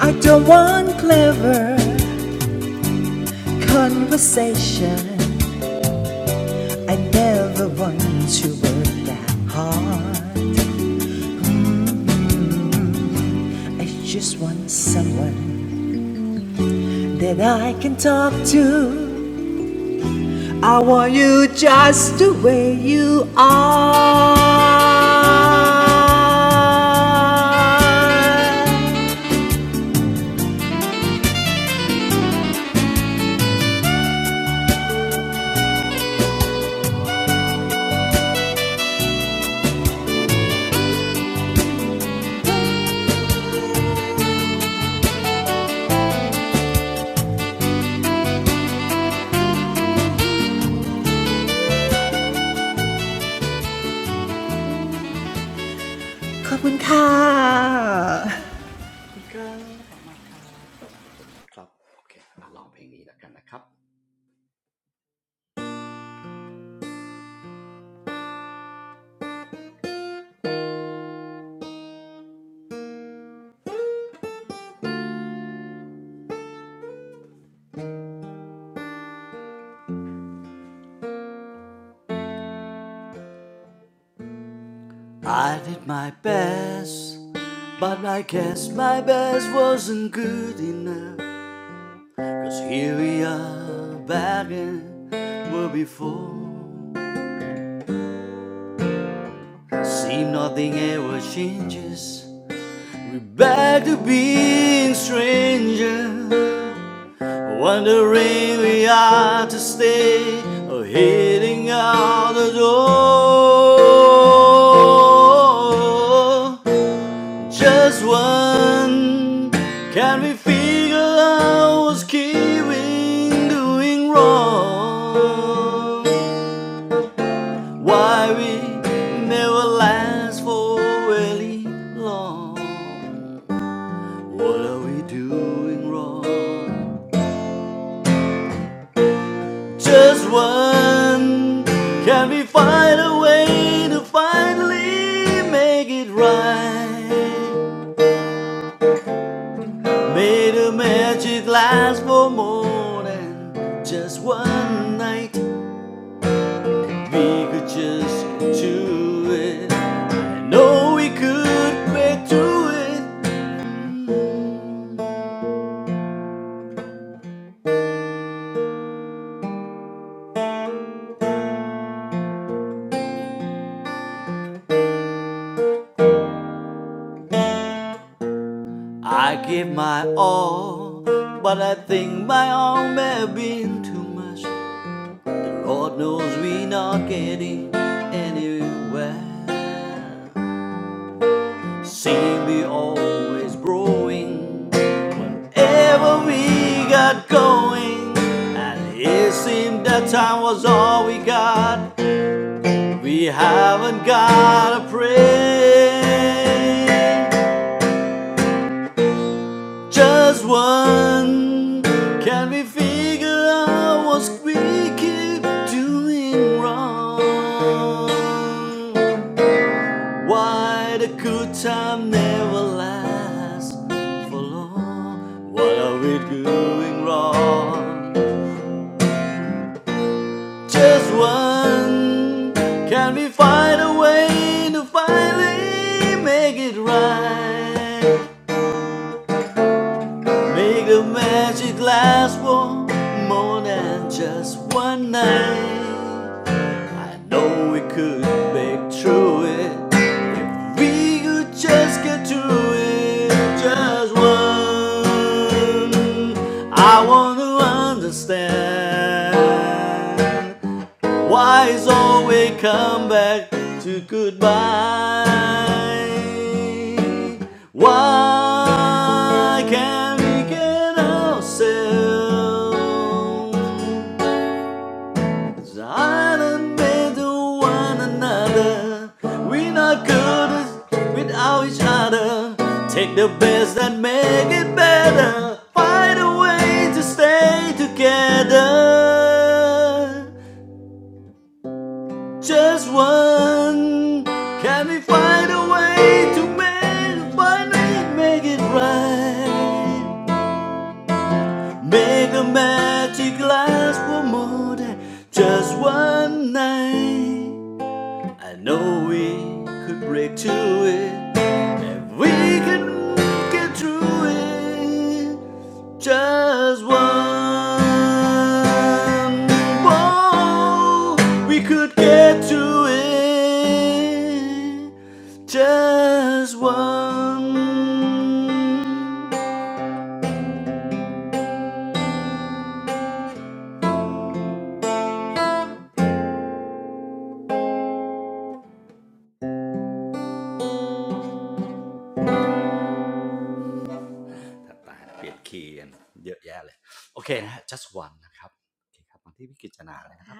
E: I don't want clever conversation. I never want to work that hard. I just want someone that I can talk to. I want you just the way you are ขอบคุณค่ะ
A: ขอบคุณครับมากมากๆครับกลับมาที่ผมนะครับโอเคมาลองเพลงนี้แล้วกันนะครับ I did my best but I guess my best wasn't good enough Cause here we are back in where before Seem nothing ever changes We're back to being strangers Wondering we are to stay Or heading out the door Just one. Can we figure out what's keeping doing wrong? Why we never last for really long? What are we doing wrong? Just one. Can we find a way to finally make it right? Made a magic last for more than just one night. We could just do it. I know we could break through it. Mm. I gave my all, but I think my all may have been too much. Lord knows we're not getting anywhere. Seem we always growing. Ever we got going, and it seemed that time was all we got. We haven't got a prayer, just one. Can we figure out what we keep doing wrong? Why the good time never lasts for long? What are we doing wrong? Just one. Can we find a way to finally make it right? Make the magic last for more than just one night. I know we could make through it if we could just get through it. Just one, I want to understand why it's always come back to goodbye? Why can't we get ourselves? As island made to one another, we're not good without each other. Take the best and make it better. Find a way to stay together. Just one. Can we find a way to make find it, make it right? Make a magic last for more than just one night. I know we could break to it if we can get through it. Just one more, we could get to it. Just one ถัดมาเปลี่ยนคีย์กันเยอะแยะเลย just one นะครับโอเคครับมาที่พี่กิจนาเลยนะครับ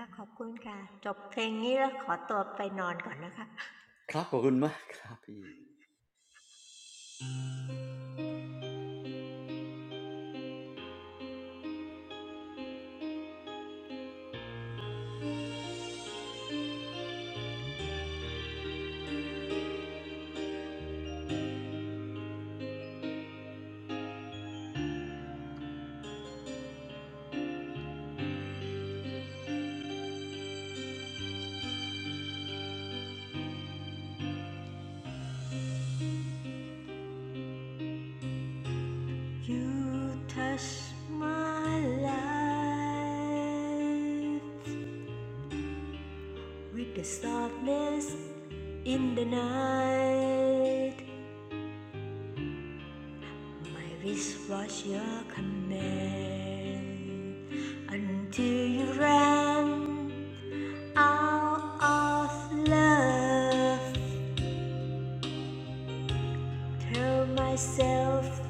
C: You touch my life with the softness in the night My wish was your command until you ran Out of love, tell myself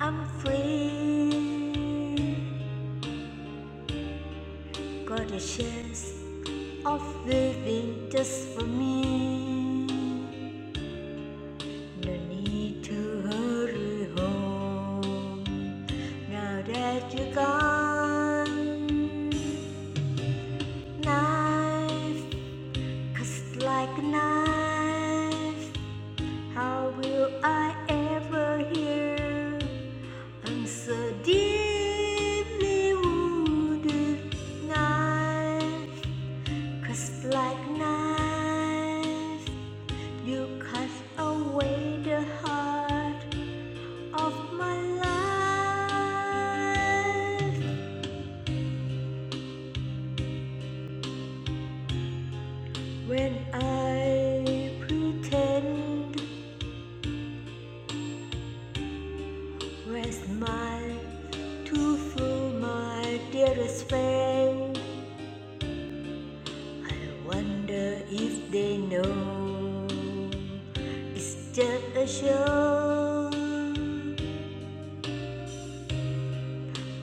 C: I'm free. Got a chance of living just for me. No need to hurry home. Now that you're gone, knife cuts like a knife. How will I ever hear? I'm so deeply wounded knife, cause like knife, you cut away the heart of my life. When I pretend, where's my to fool my dearest friend? Wonder if they know it's just a show.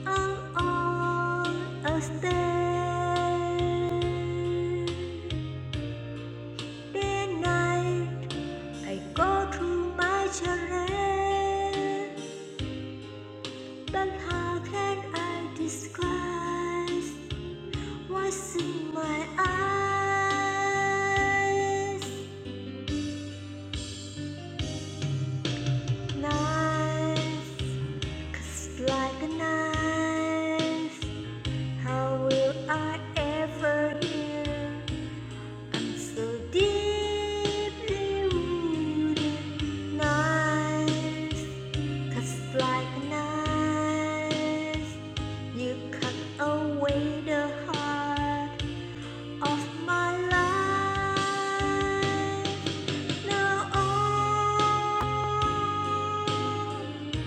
C: I'm on a stage. Day and night, I go through my charade. But how can I describe what's in my eyes? Nice Cuts like a knife. How will I ever heal? I'm so deeply wounded, Knife cuts like a knife. You cut away the heart of my life. Now all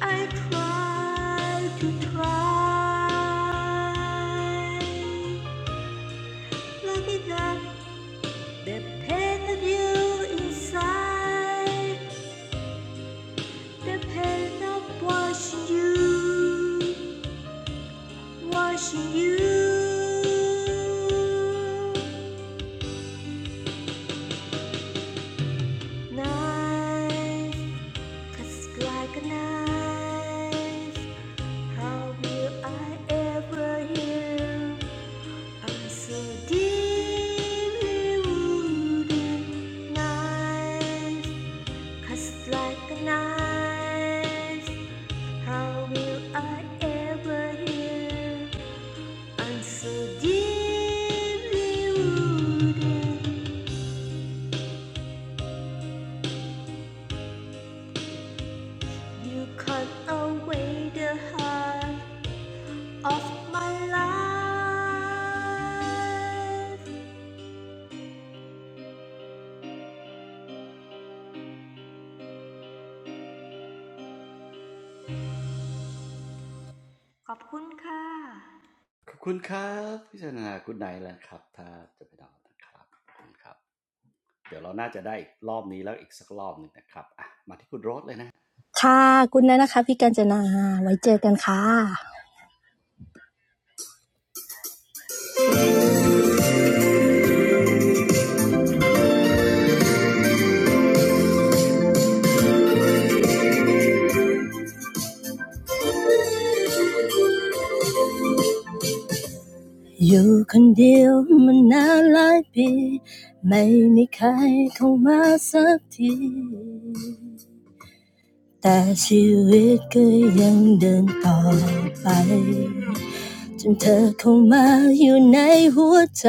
C: I try to try. Look at that. The pain of you inside. The pain of watching you. Watching you. Knife cuts like a knife. How will I ever heal? I'm so deeply wounded. Knife cuts like a knife. How will I ever heal? I'm so deeply wounded. You cut away the heart. of my life ขอบคุณค่ะ
A: ขอบคุณครับพิจารณาคุณไหนแล้วครับถ้าจะไปนอนนะครับขอบคุณครับ
D: ค่ะคุณนะนะคะพี่การเจนาไว้เจอกันค่ะ. จนเธอเข้ามาอยู่ในหัวใจ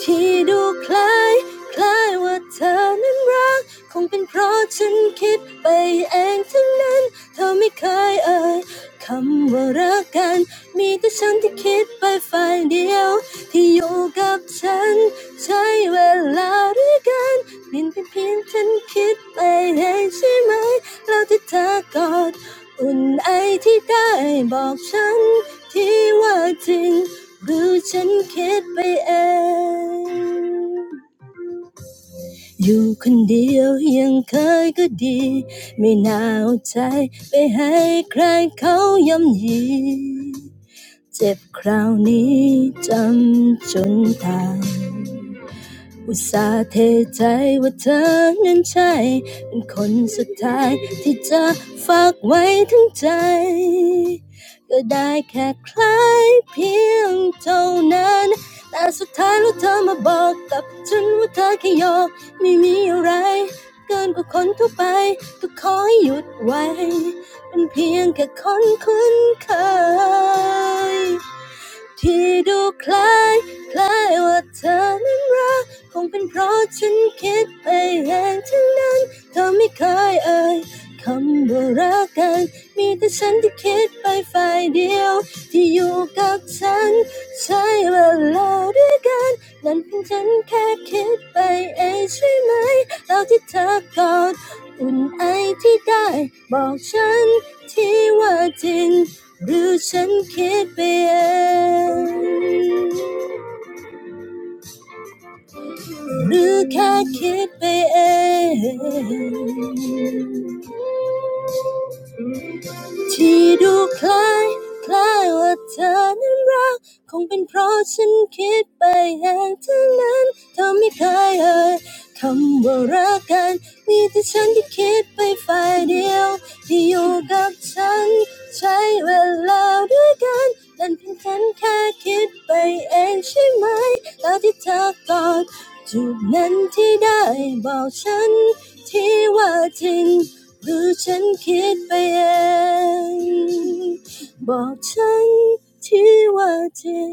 D: ที่ดูคล้าย Know I'm thinking of you. Alone, still, it's okay. Not to give my heart to anyone else. This pain is unforgettable. อุตส่าห์เทใจว่าเธอนั้นใช่ ที่ดูคล้าย or I think by myself, or he thinks by himself. ที่ดูคล้ายคล้ายว่าเธอนั้นรัก หรือฉันคิดไปเองบอกฉันที่ว่าจริง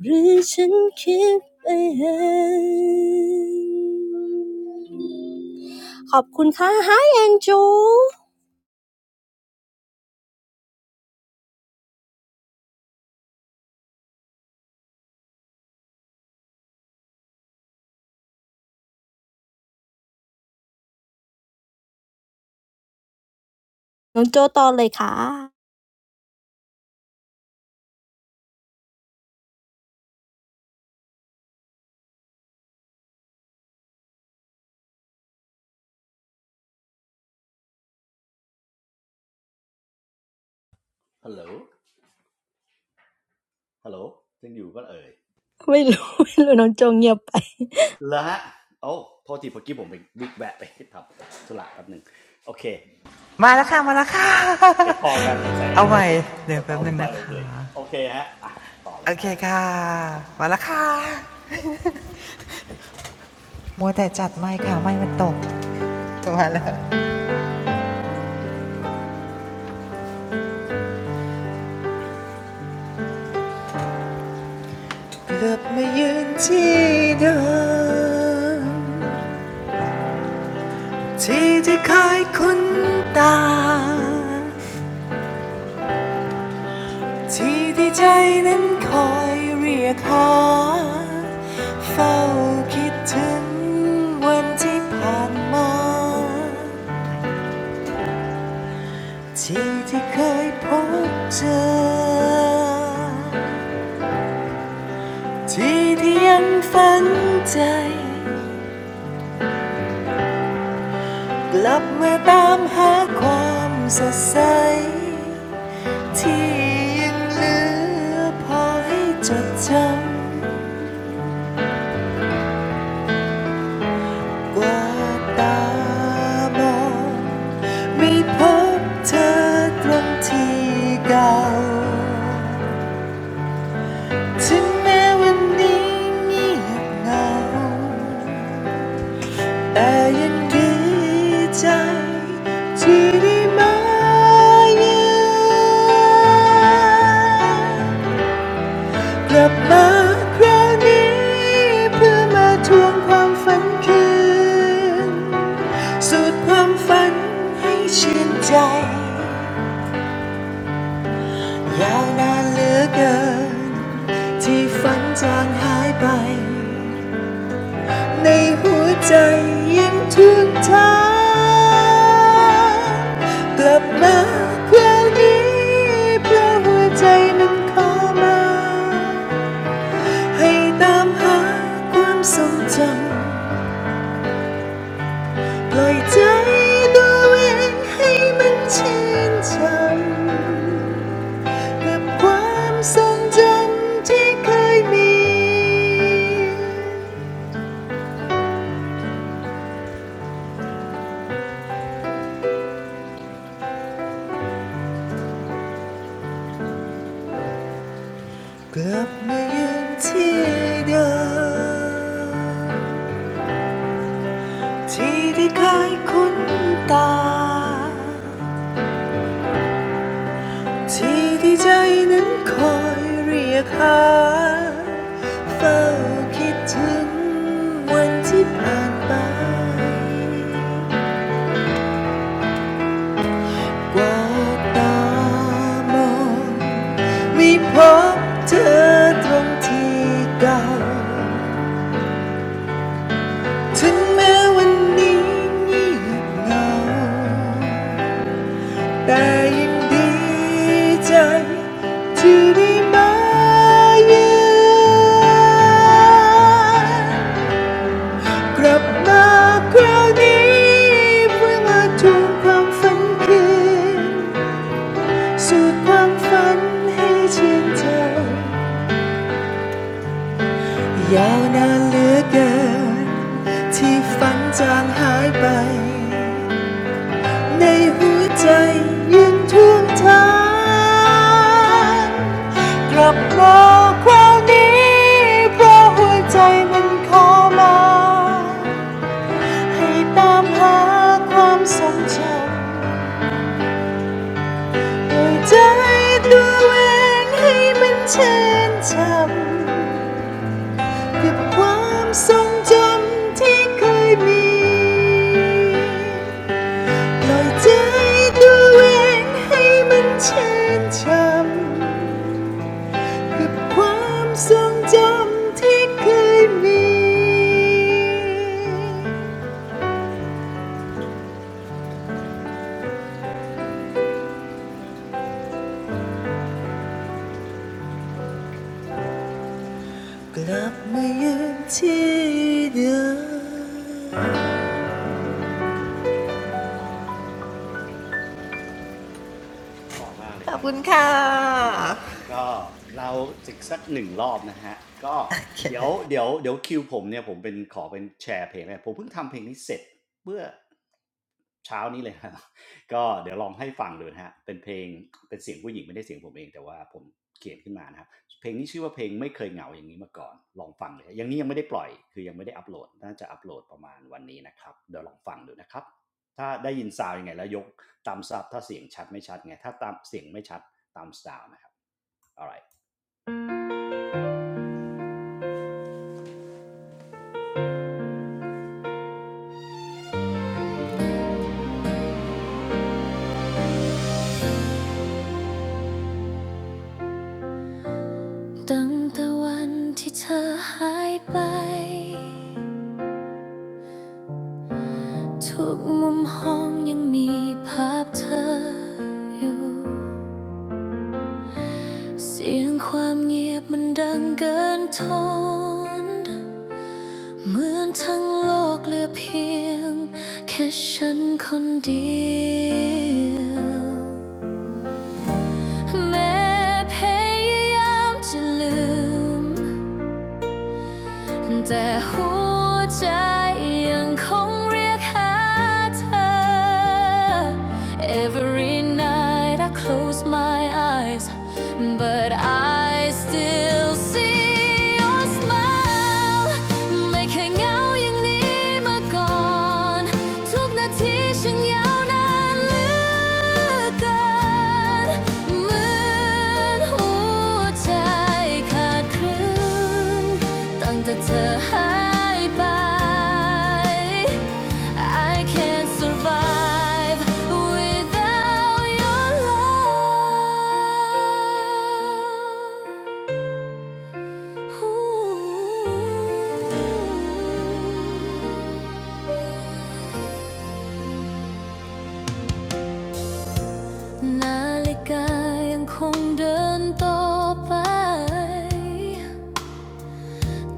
D: หรือฉันคิดไปเองขอบคุณค่ะ Hi Angel น้องโจต่อเลยค่ะไม่รู้ไม่รู้น้องโจงเงียบไป
E: มาแล้วค่ะมาแล้วค่ะเอาใหม่โอเคค่ะมาแล้วค่ะมัวแต่จัดไม่ค่ะไม่มันตกมาแล้วกลับมายืนที่เดิมที่ที่เคยคุ้นตา Chi thì trái nén coi riêng ha. Phải nghĩ đến ngày tháng qua. Chi thì khơi phút chờ. Chi thì vẫn phấn chay. Trở về tìm kiếm sự sống. Chi vẫn nhớ để cho nhớ nhau. กว่าตามองไม่พบเธอตรงที่เก่าถึงแม้วันนี้เงียบเหงาแต่ยังดีใจ สุดความฝันให้ชื่นใจยาวนานเหลือเกินที่ฝันจางหายไปในหัวใจยังทุกทางกลับมาคราวนี้เพราะหัวใจนั้นขอมาให้ตามหาความทรงจำปล่อยใจตัวเองให้มันชื่นชม กับความทรงจำที่เคยมี กว่าตามองไม่พบเธอตรงที่เก่าถึงแม้วันนี้เงียบเหงาแต่ยังดีใจที่ได้มาเยือนกลับมาคราวนี้เพื่อมาทวงความฝันคืน สุดความฝันให้เชียนเธอยาวนานเหลือเกิน กับความทรงจำที่เคยมีปล่อยใจตัวเองให้มันชื่นช่ำกับความทรงจำที่เคยมี
A: คุณครับ เช้านี้เลยครับ <laughs> ก็เดี๋ยวลองให้ฟังดูนะฮะเป็นเพลงเป็นเสียงผู้หญิงไม่ได้เสียงผมเองแต่ว่าผมเขียนขึ้นมานะครับ alright ตั้งแต่วันที่เธอหายไป ทุกมุมห้องยังมีภาพเธออยู่เสียงความเงียบมันดังเกินทนเหมือนทั้งโลกเหลือเพียง Every night I close my eyes, but I still see your smile. Make me yearn like never before. Every night I close my eyes, but I still see your smile. Make me yearn like never before. เธอหายไป I can't survive without your love อู้ นาฬิกายังคงเดินต่อไป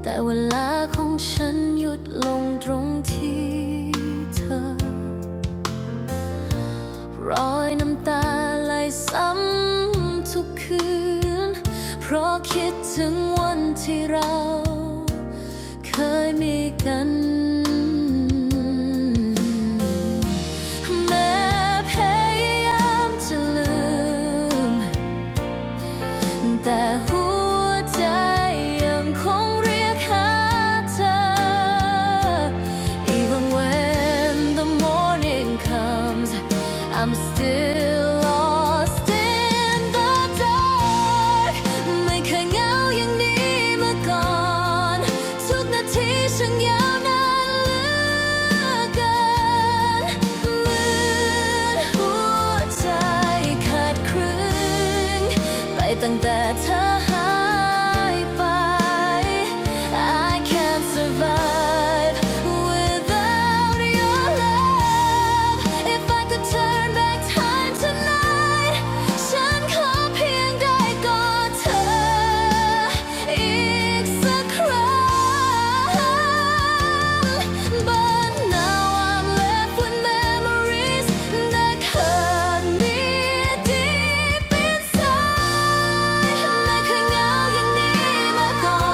A: แต่เวลาของฉันหยุดลงตรงที่เธอ แต่หัวใจยังคงเรียกหาเธอ Even when the morning comes I'm still lost in the dark ไม่เคยเหงาอย่างนี้มาก่อนทุกนาทีช่างยาวนานเหลือเกินเหมือนหัวใจ ใจขาดครึ่งไปตั้งแต่เธอหายไป I can't survive without your love If I could turn back time tonight ฉันขอเพียงได้กอดเธออีกสักครั้ง But now I'm Left with memories that hurt me deep inside. Never again like this before.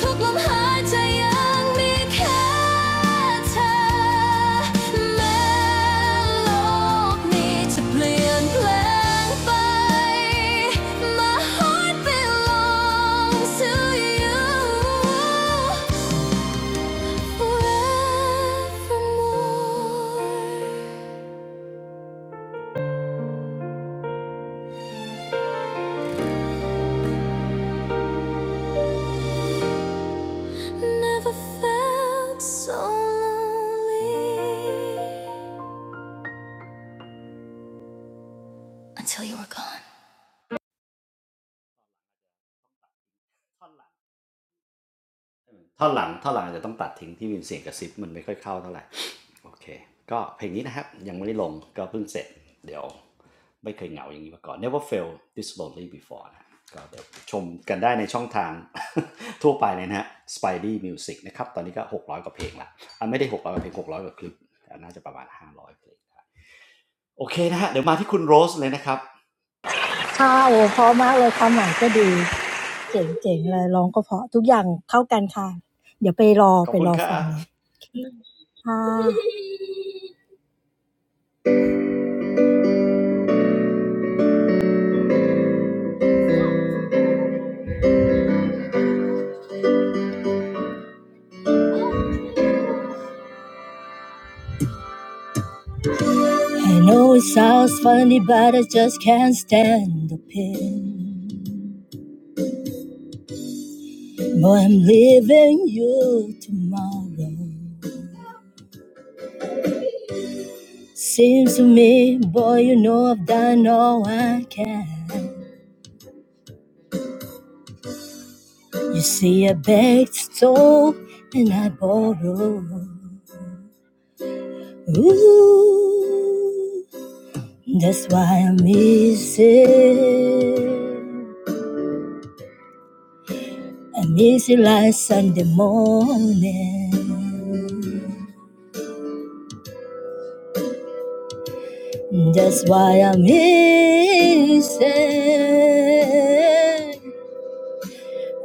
A: Thrown away, but still there. My heart belongs to you. Forevermore, never felt so lonely until you were gone. ท่อนหลังท่อนหลังจะต้องตัดทิ้งที่มีเสียงกระซิบมันไม่ค่อยเข้าเท่าไหร่โอเคก็เพลงนี้นะครับยังไม่ได้ลงก็เพิ่งเสร็จเดี๋ยวไม่เคยเหงาอย่างนี้มาก่อน never fail this lonely before นะก็เดี๋ยวชมกันได้ในช่องทาง <laughs> ทั่วไปเลยนะฮะ Spidey Music นะครับตอนนี้ก็หกร้อยกว่าเพลงละอันไม่ได้หกร้อยกว่าเพลงหกร้อยกว่าคลิปน่าจะประมาณห้าร้อยเพลงโอเคนะฮะเดี๋ยวมาที่คุณโรสเลยนะครับขอบคุณครับครับขอบคุณครับมาที่โจเลยนะครับ
D: ค่ะโอ้เพราะมากเลยความหมายก็ดีเจ๋งๆเลยร้องก็เพราะทุกอย่างเข้ากันค่ะเดี๋ยวไปรอไปรอฟังเลยค่ะ I know it sounds funny, but I just can't stand the pain. Boy, I'm leaving you tomorrow. Seems to me, boy, you know I've done all I can. You see, I begged, stole, and I borrowed. Ooh, that's why I miss it. I miss it like Sunday morning. That's why I'm missing.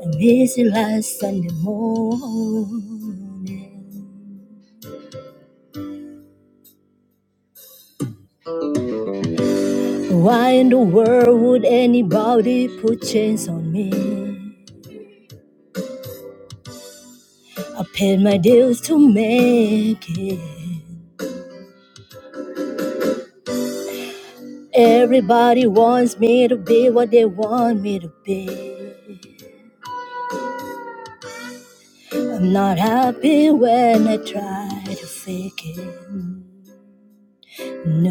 D: I'm missing last Sunday morning. Why in the world would anybody put chains on me? I paid my dues to make it. Everybody wants me to be what they want me to be. I'm not happy when I try to fake it. No,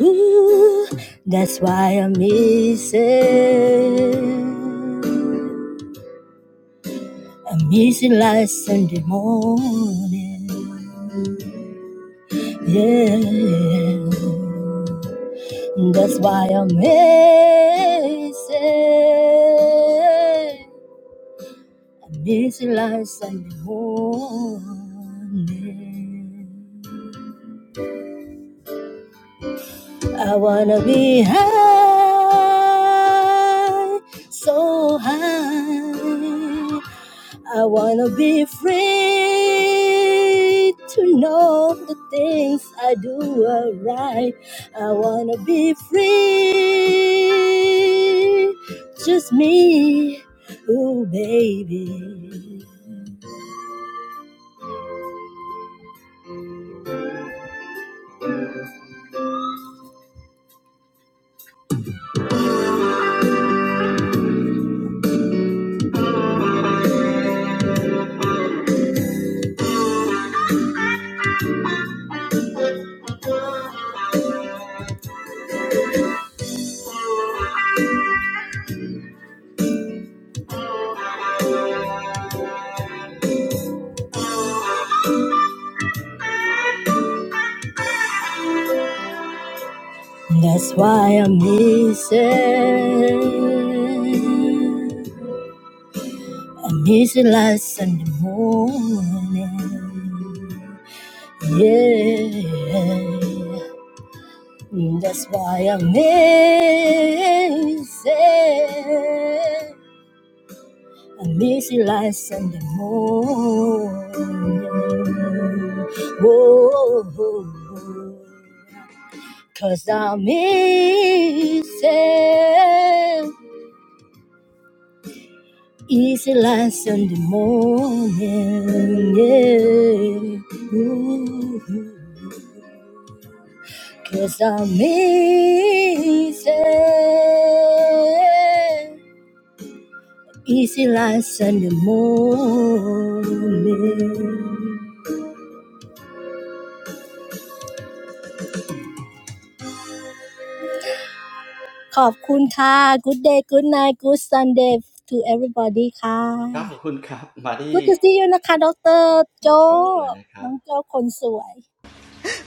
D: Ooh, that's why I miss it. I miss it like Sunday morning. Yeah. That's why I miss it. I miss it like Sunday morning. I wanna be high, so high. I wanna be free to know the things I do are right. I wanna be free, just me, ooh baby. That's why I'm missing. I miss you like Sunday morning. Yeah, that's why I miss it. I miss you like Sunday morning. whoa. 'cause I miss it. Easy like Sunday morning, yeah. Ooh, Cause I'm easy. Easy like Sunday morning. ขอบคุณค่ะ Good day, good night, good Sunday to everybody ค่ะ Good to see you นะคะ.ดร.โจน้องโจคนสวย.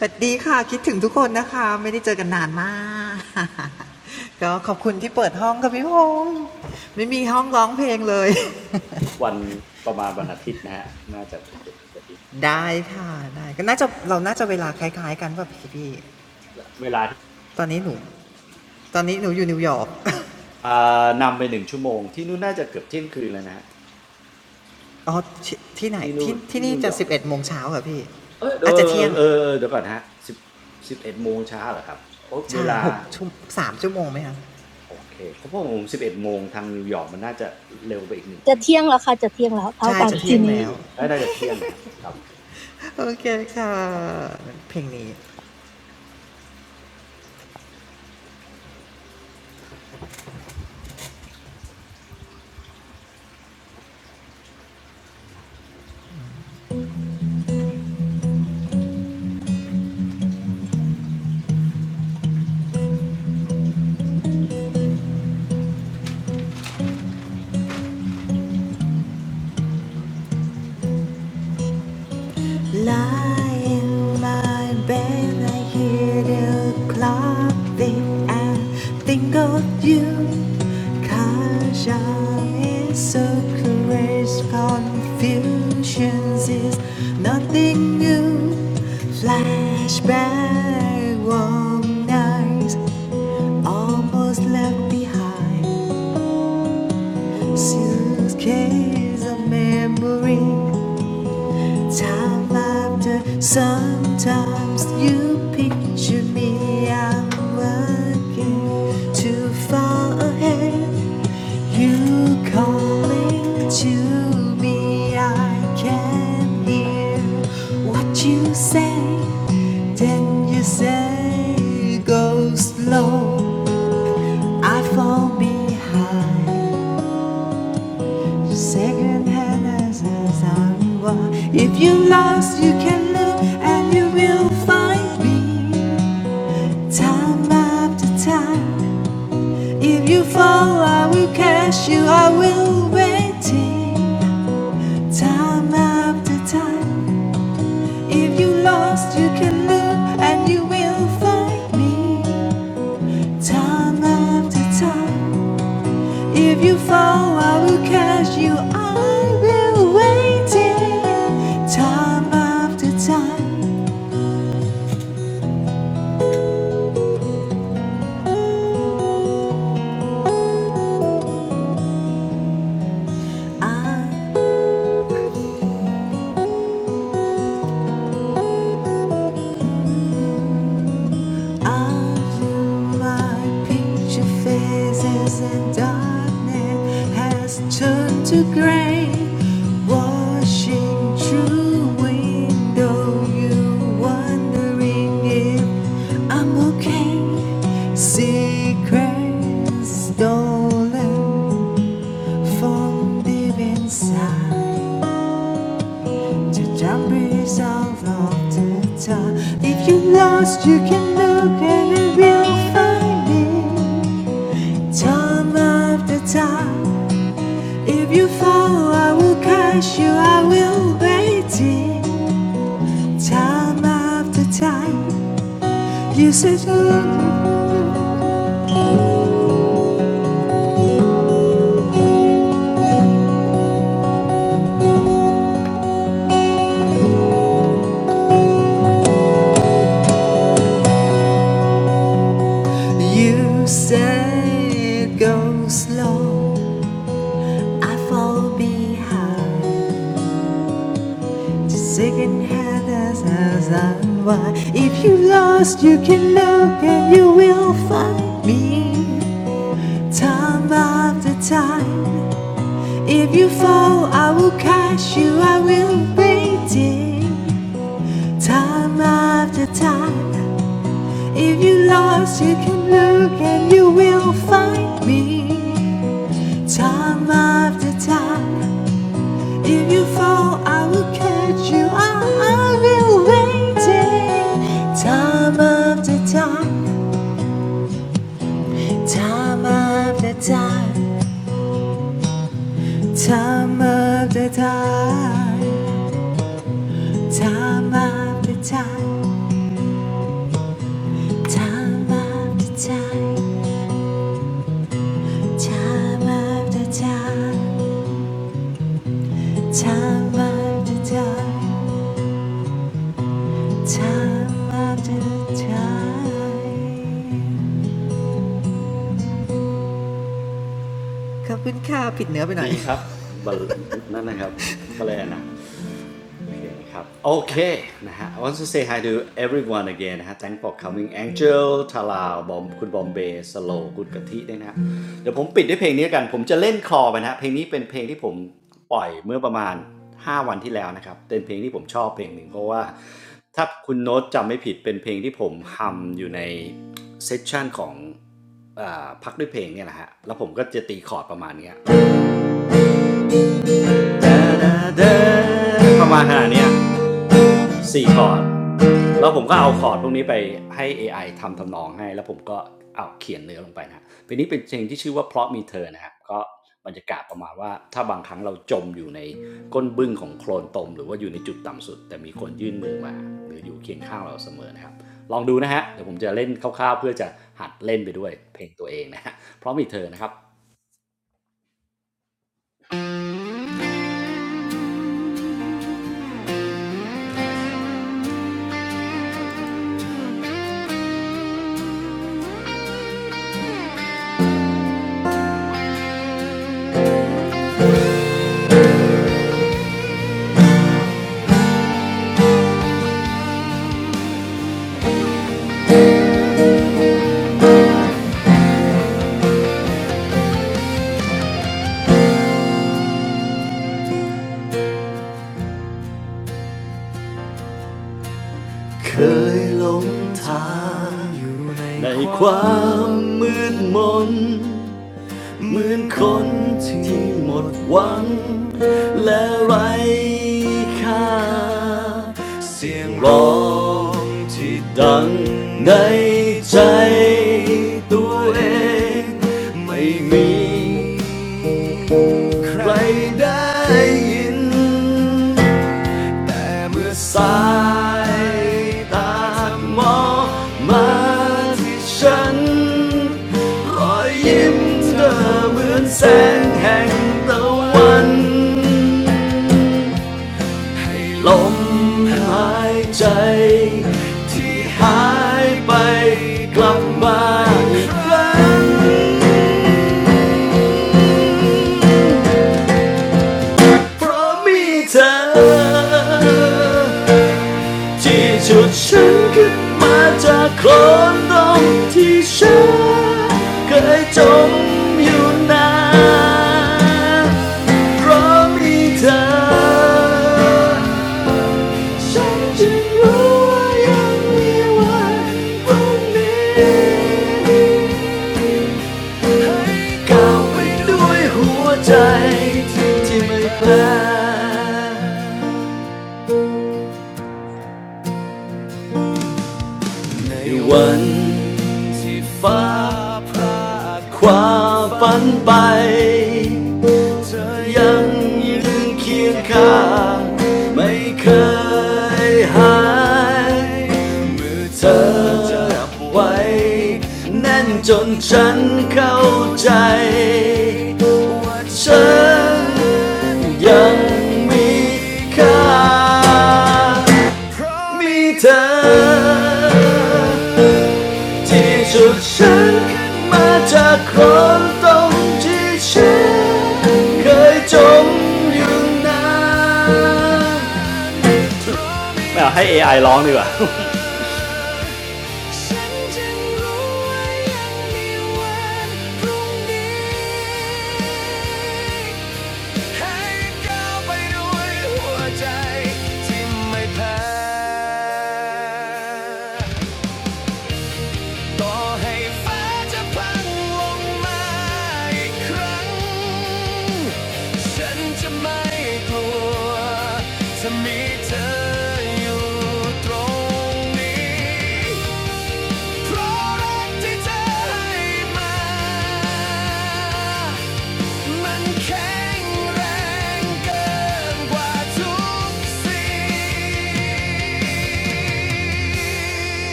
E: สวัสดีค่ะคิดถึงทุกคนนะคะ
A: วันประมาณวันอาทิตย์นะฮะ
D: จะเที่ยงแล้วค่ะ.นะคะดรโจน้องโจคนสวยจะเที่ยงแล้วค่ะจะเที่ยงแล้วเท่ากันทีนี้
E: Lie in my bed, I hear the clock tick and think of you. Caution is so courage, confusions is nothing new. Flashback, warm nights, almost left behind. Suitcase of memories. Time after, sometimes you picture me. I'm working too far ahead. You calling to me, I can hear what you say. Then you say, go slow. I fall behind. Second hand as I walk. If you lost, you can look and you will find me. Time after time. If you fall, I will catch you. I will wait. Time after time. If you lost, you can look and you will find me. Time after time. If you fall, I will catch you. I've been waiting time after time. I, I feel my picture faces and darkness has turned to gray. Washing through window, you wondering if I'm okay. Secrets stolen. From deep inside, the jump of love to time. If you're lost, you can look and it will find it. Time after time, if you fall, I will catch you. I will wait it. Time after time, you said "Look, you said go slow. I fall behind. Just Second hand as as and why If you lost you can look and you will find me Time after time If you fall I will catch you I will wait it Time after time If you lost you can look and you will find me Time after time If you fall, I will catch you. I, have been waiting time after time, time after time, time after time, time after time, time after time, time after time, time after time, time after time. ขอบคุณค่ะผิดเนื้อไปหน่อยค่ะ
A: Okay Okay I want to say hi to everyone again นะฮะ Thank for coming Angel Thala, Bom, Kun Bombay, ทาราบอมคุณบอมเบย์สโลคุณกะทิด้วยนะฮะเดี๋ยวผมปิดด้วยเพลงนี้กันผมจะเล่นคลอไปนะฮะเพลงนี้เป็นเพลงที่ผมปล่อยเมื่อประมาณ5วันที่แล้วนะครับเป็นเพลงที่ผมชอบเพลงหนึ่งเพราะว่าถ้าคุณโน้ตจำไม่ผิดเป็นเพลงที่ผมฮัมอยู่ในเซสชันของอ่าพักด้วยเพลงเนี่ยแหละฮะแล้วผมก็จะตีคอร์ดประมาณเนี้ย <laughs> ประมาณขนาดเนี้ย สี่คอร์ดแล้วผมก็เอาคอร์ดพวกนี้ไปให้ AI ทำทำนองให้ เหมือนคนที่หมดหวังและไร้ค่า เมื่อสายตาเธอมองมาที่ฉัน ที่จุดฉันขึ้นมาจากโคลนตรงที่ฉันเคยจมอยู่นานเพราะมีเธอ ในวันที่ฟ้าพรากความฝันไปเธอยังยืนเคียงข้างไม่เคยหายมือเธอจับไว้แน่นจนฉันเข้าใจ ที่สุดฉันขึ้นมาจากโคลนตรงที่ฉันเคยจมอยู่นานไม่เอาให้ AI ร้องดีกว่า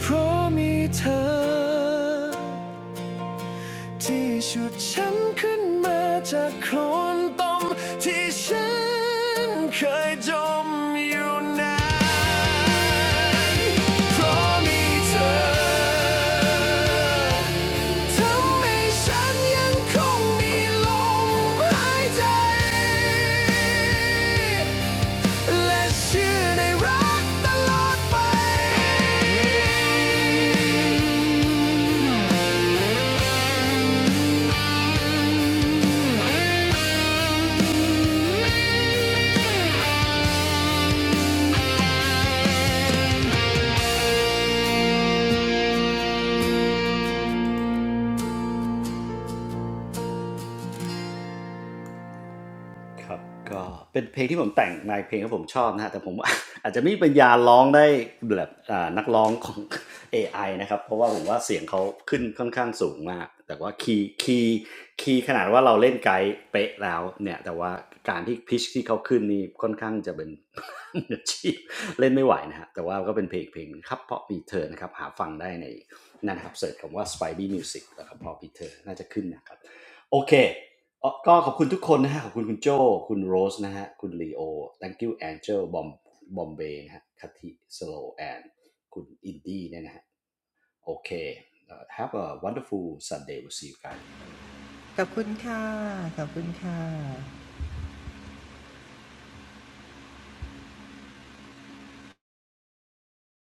A: เพราะมีเธอ ที่ฉุดฉันขึ้นมาจากโคลนตมที่ฉันเคยจมอยู่นานเพราะมีเธอทำให้ฉันยังคงมีลมหายใจและเชื่อในรักตลอดไป ครับก็เป็นเพลงที่ผมแต่งในเพลงที่ผมชอบนะฮะแต่ผมอาจจะไม่มีปัญญาร้องได้แบบอ่านักร้องของ AI <laughs> Spidey Music แล้วก็เพราะมีเธอน่าจะขึ้นนะครับ Oh, thank you, everyone. Thank you, Mr. Jo, Ms. Rose, Mr. Leo, Thank you, Angel Bomb, Bombay, Mr. Kati, Slow and Mr. Indeed. Okay, have a wonderful Sunday. We'll see you guys.
E: ขอบคุณค่ะขอบคุณค่ะ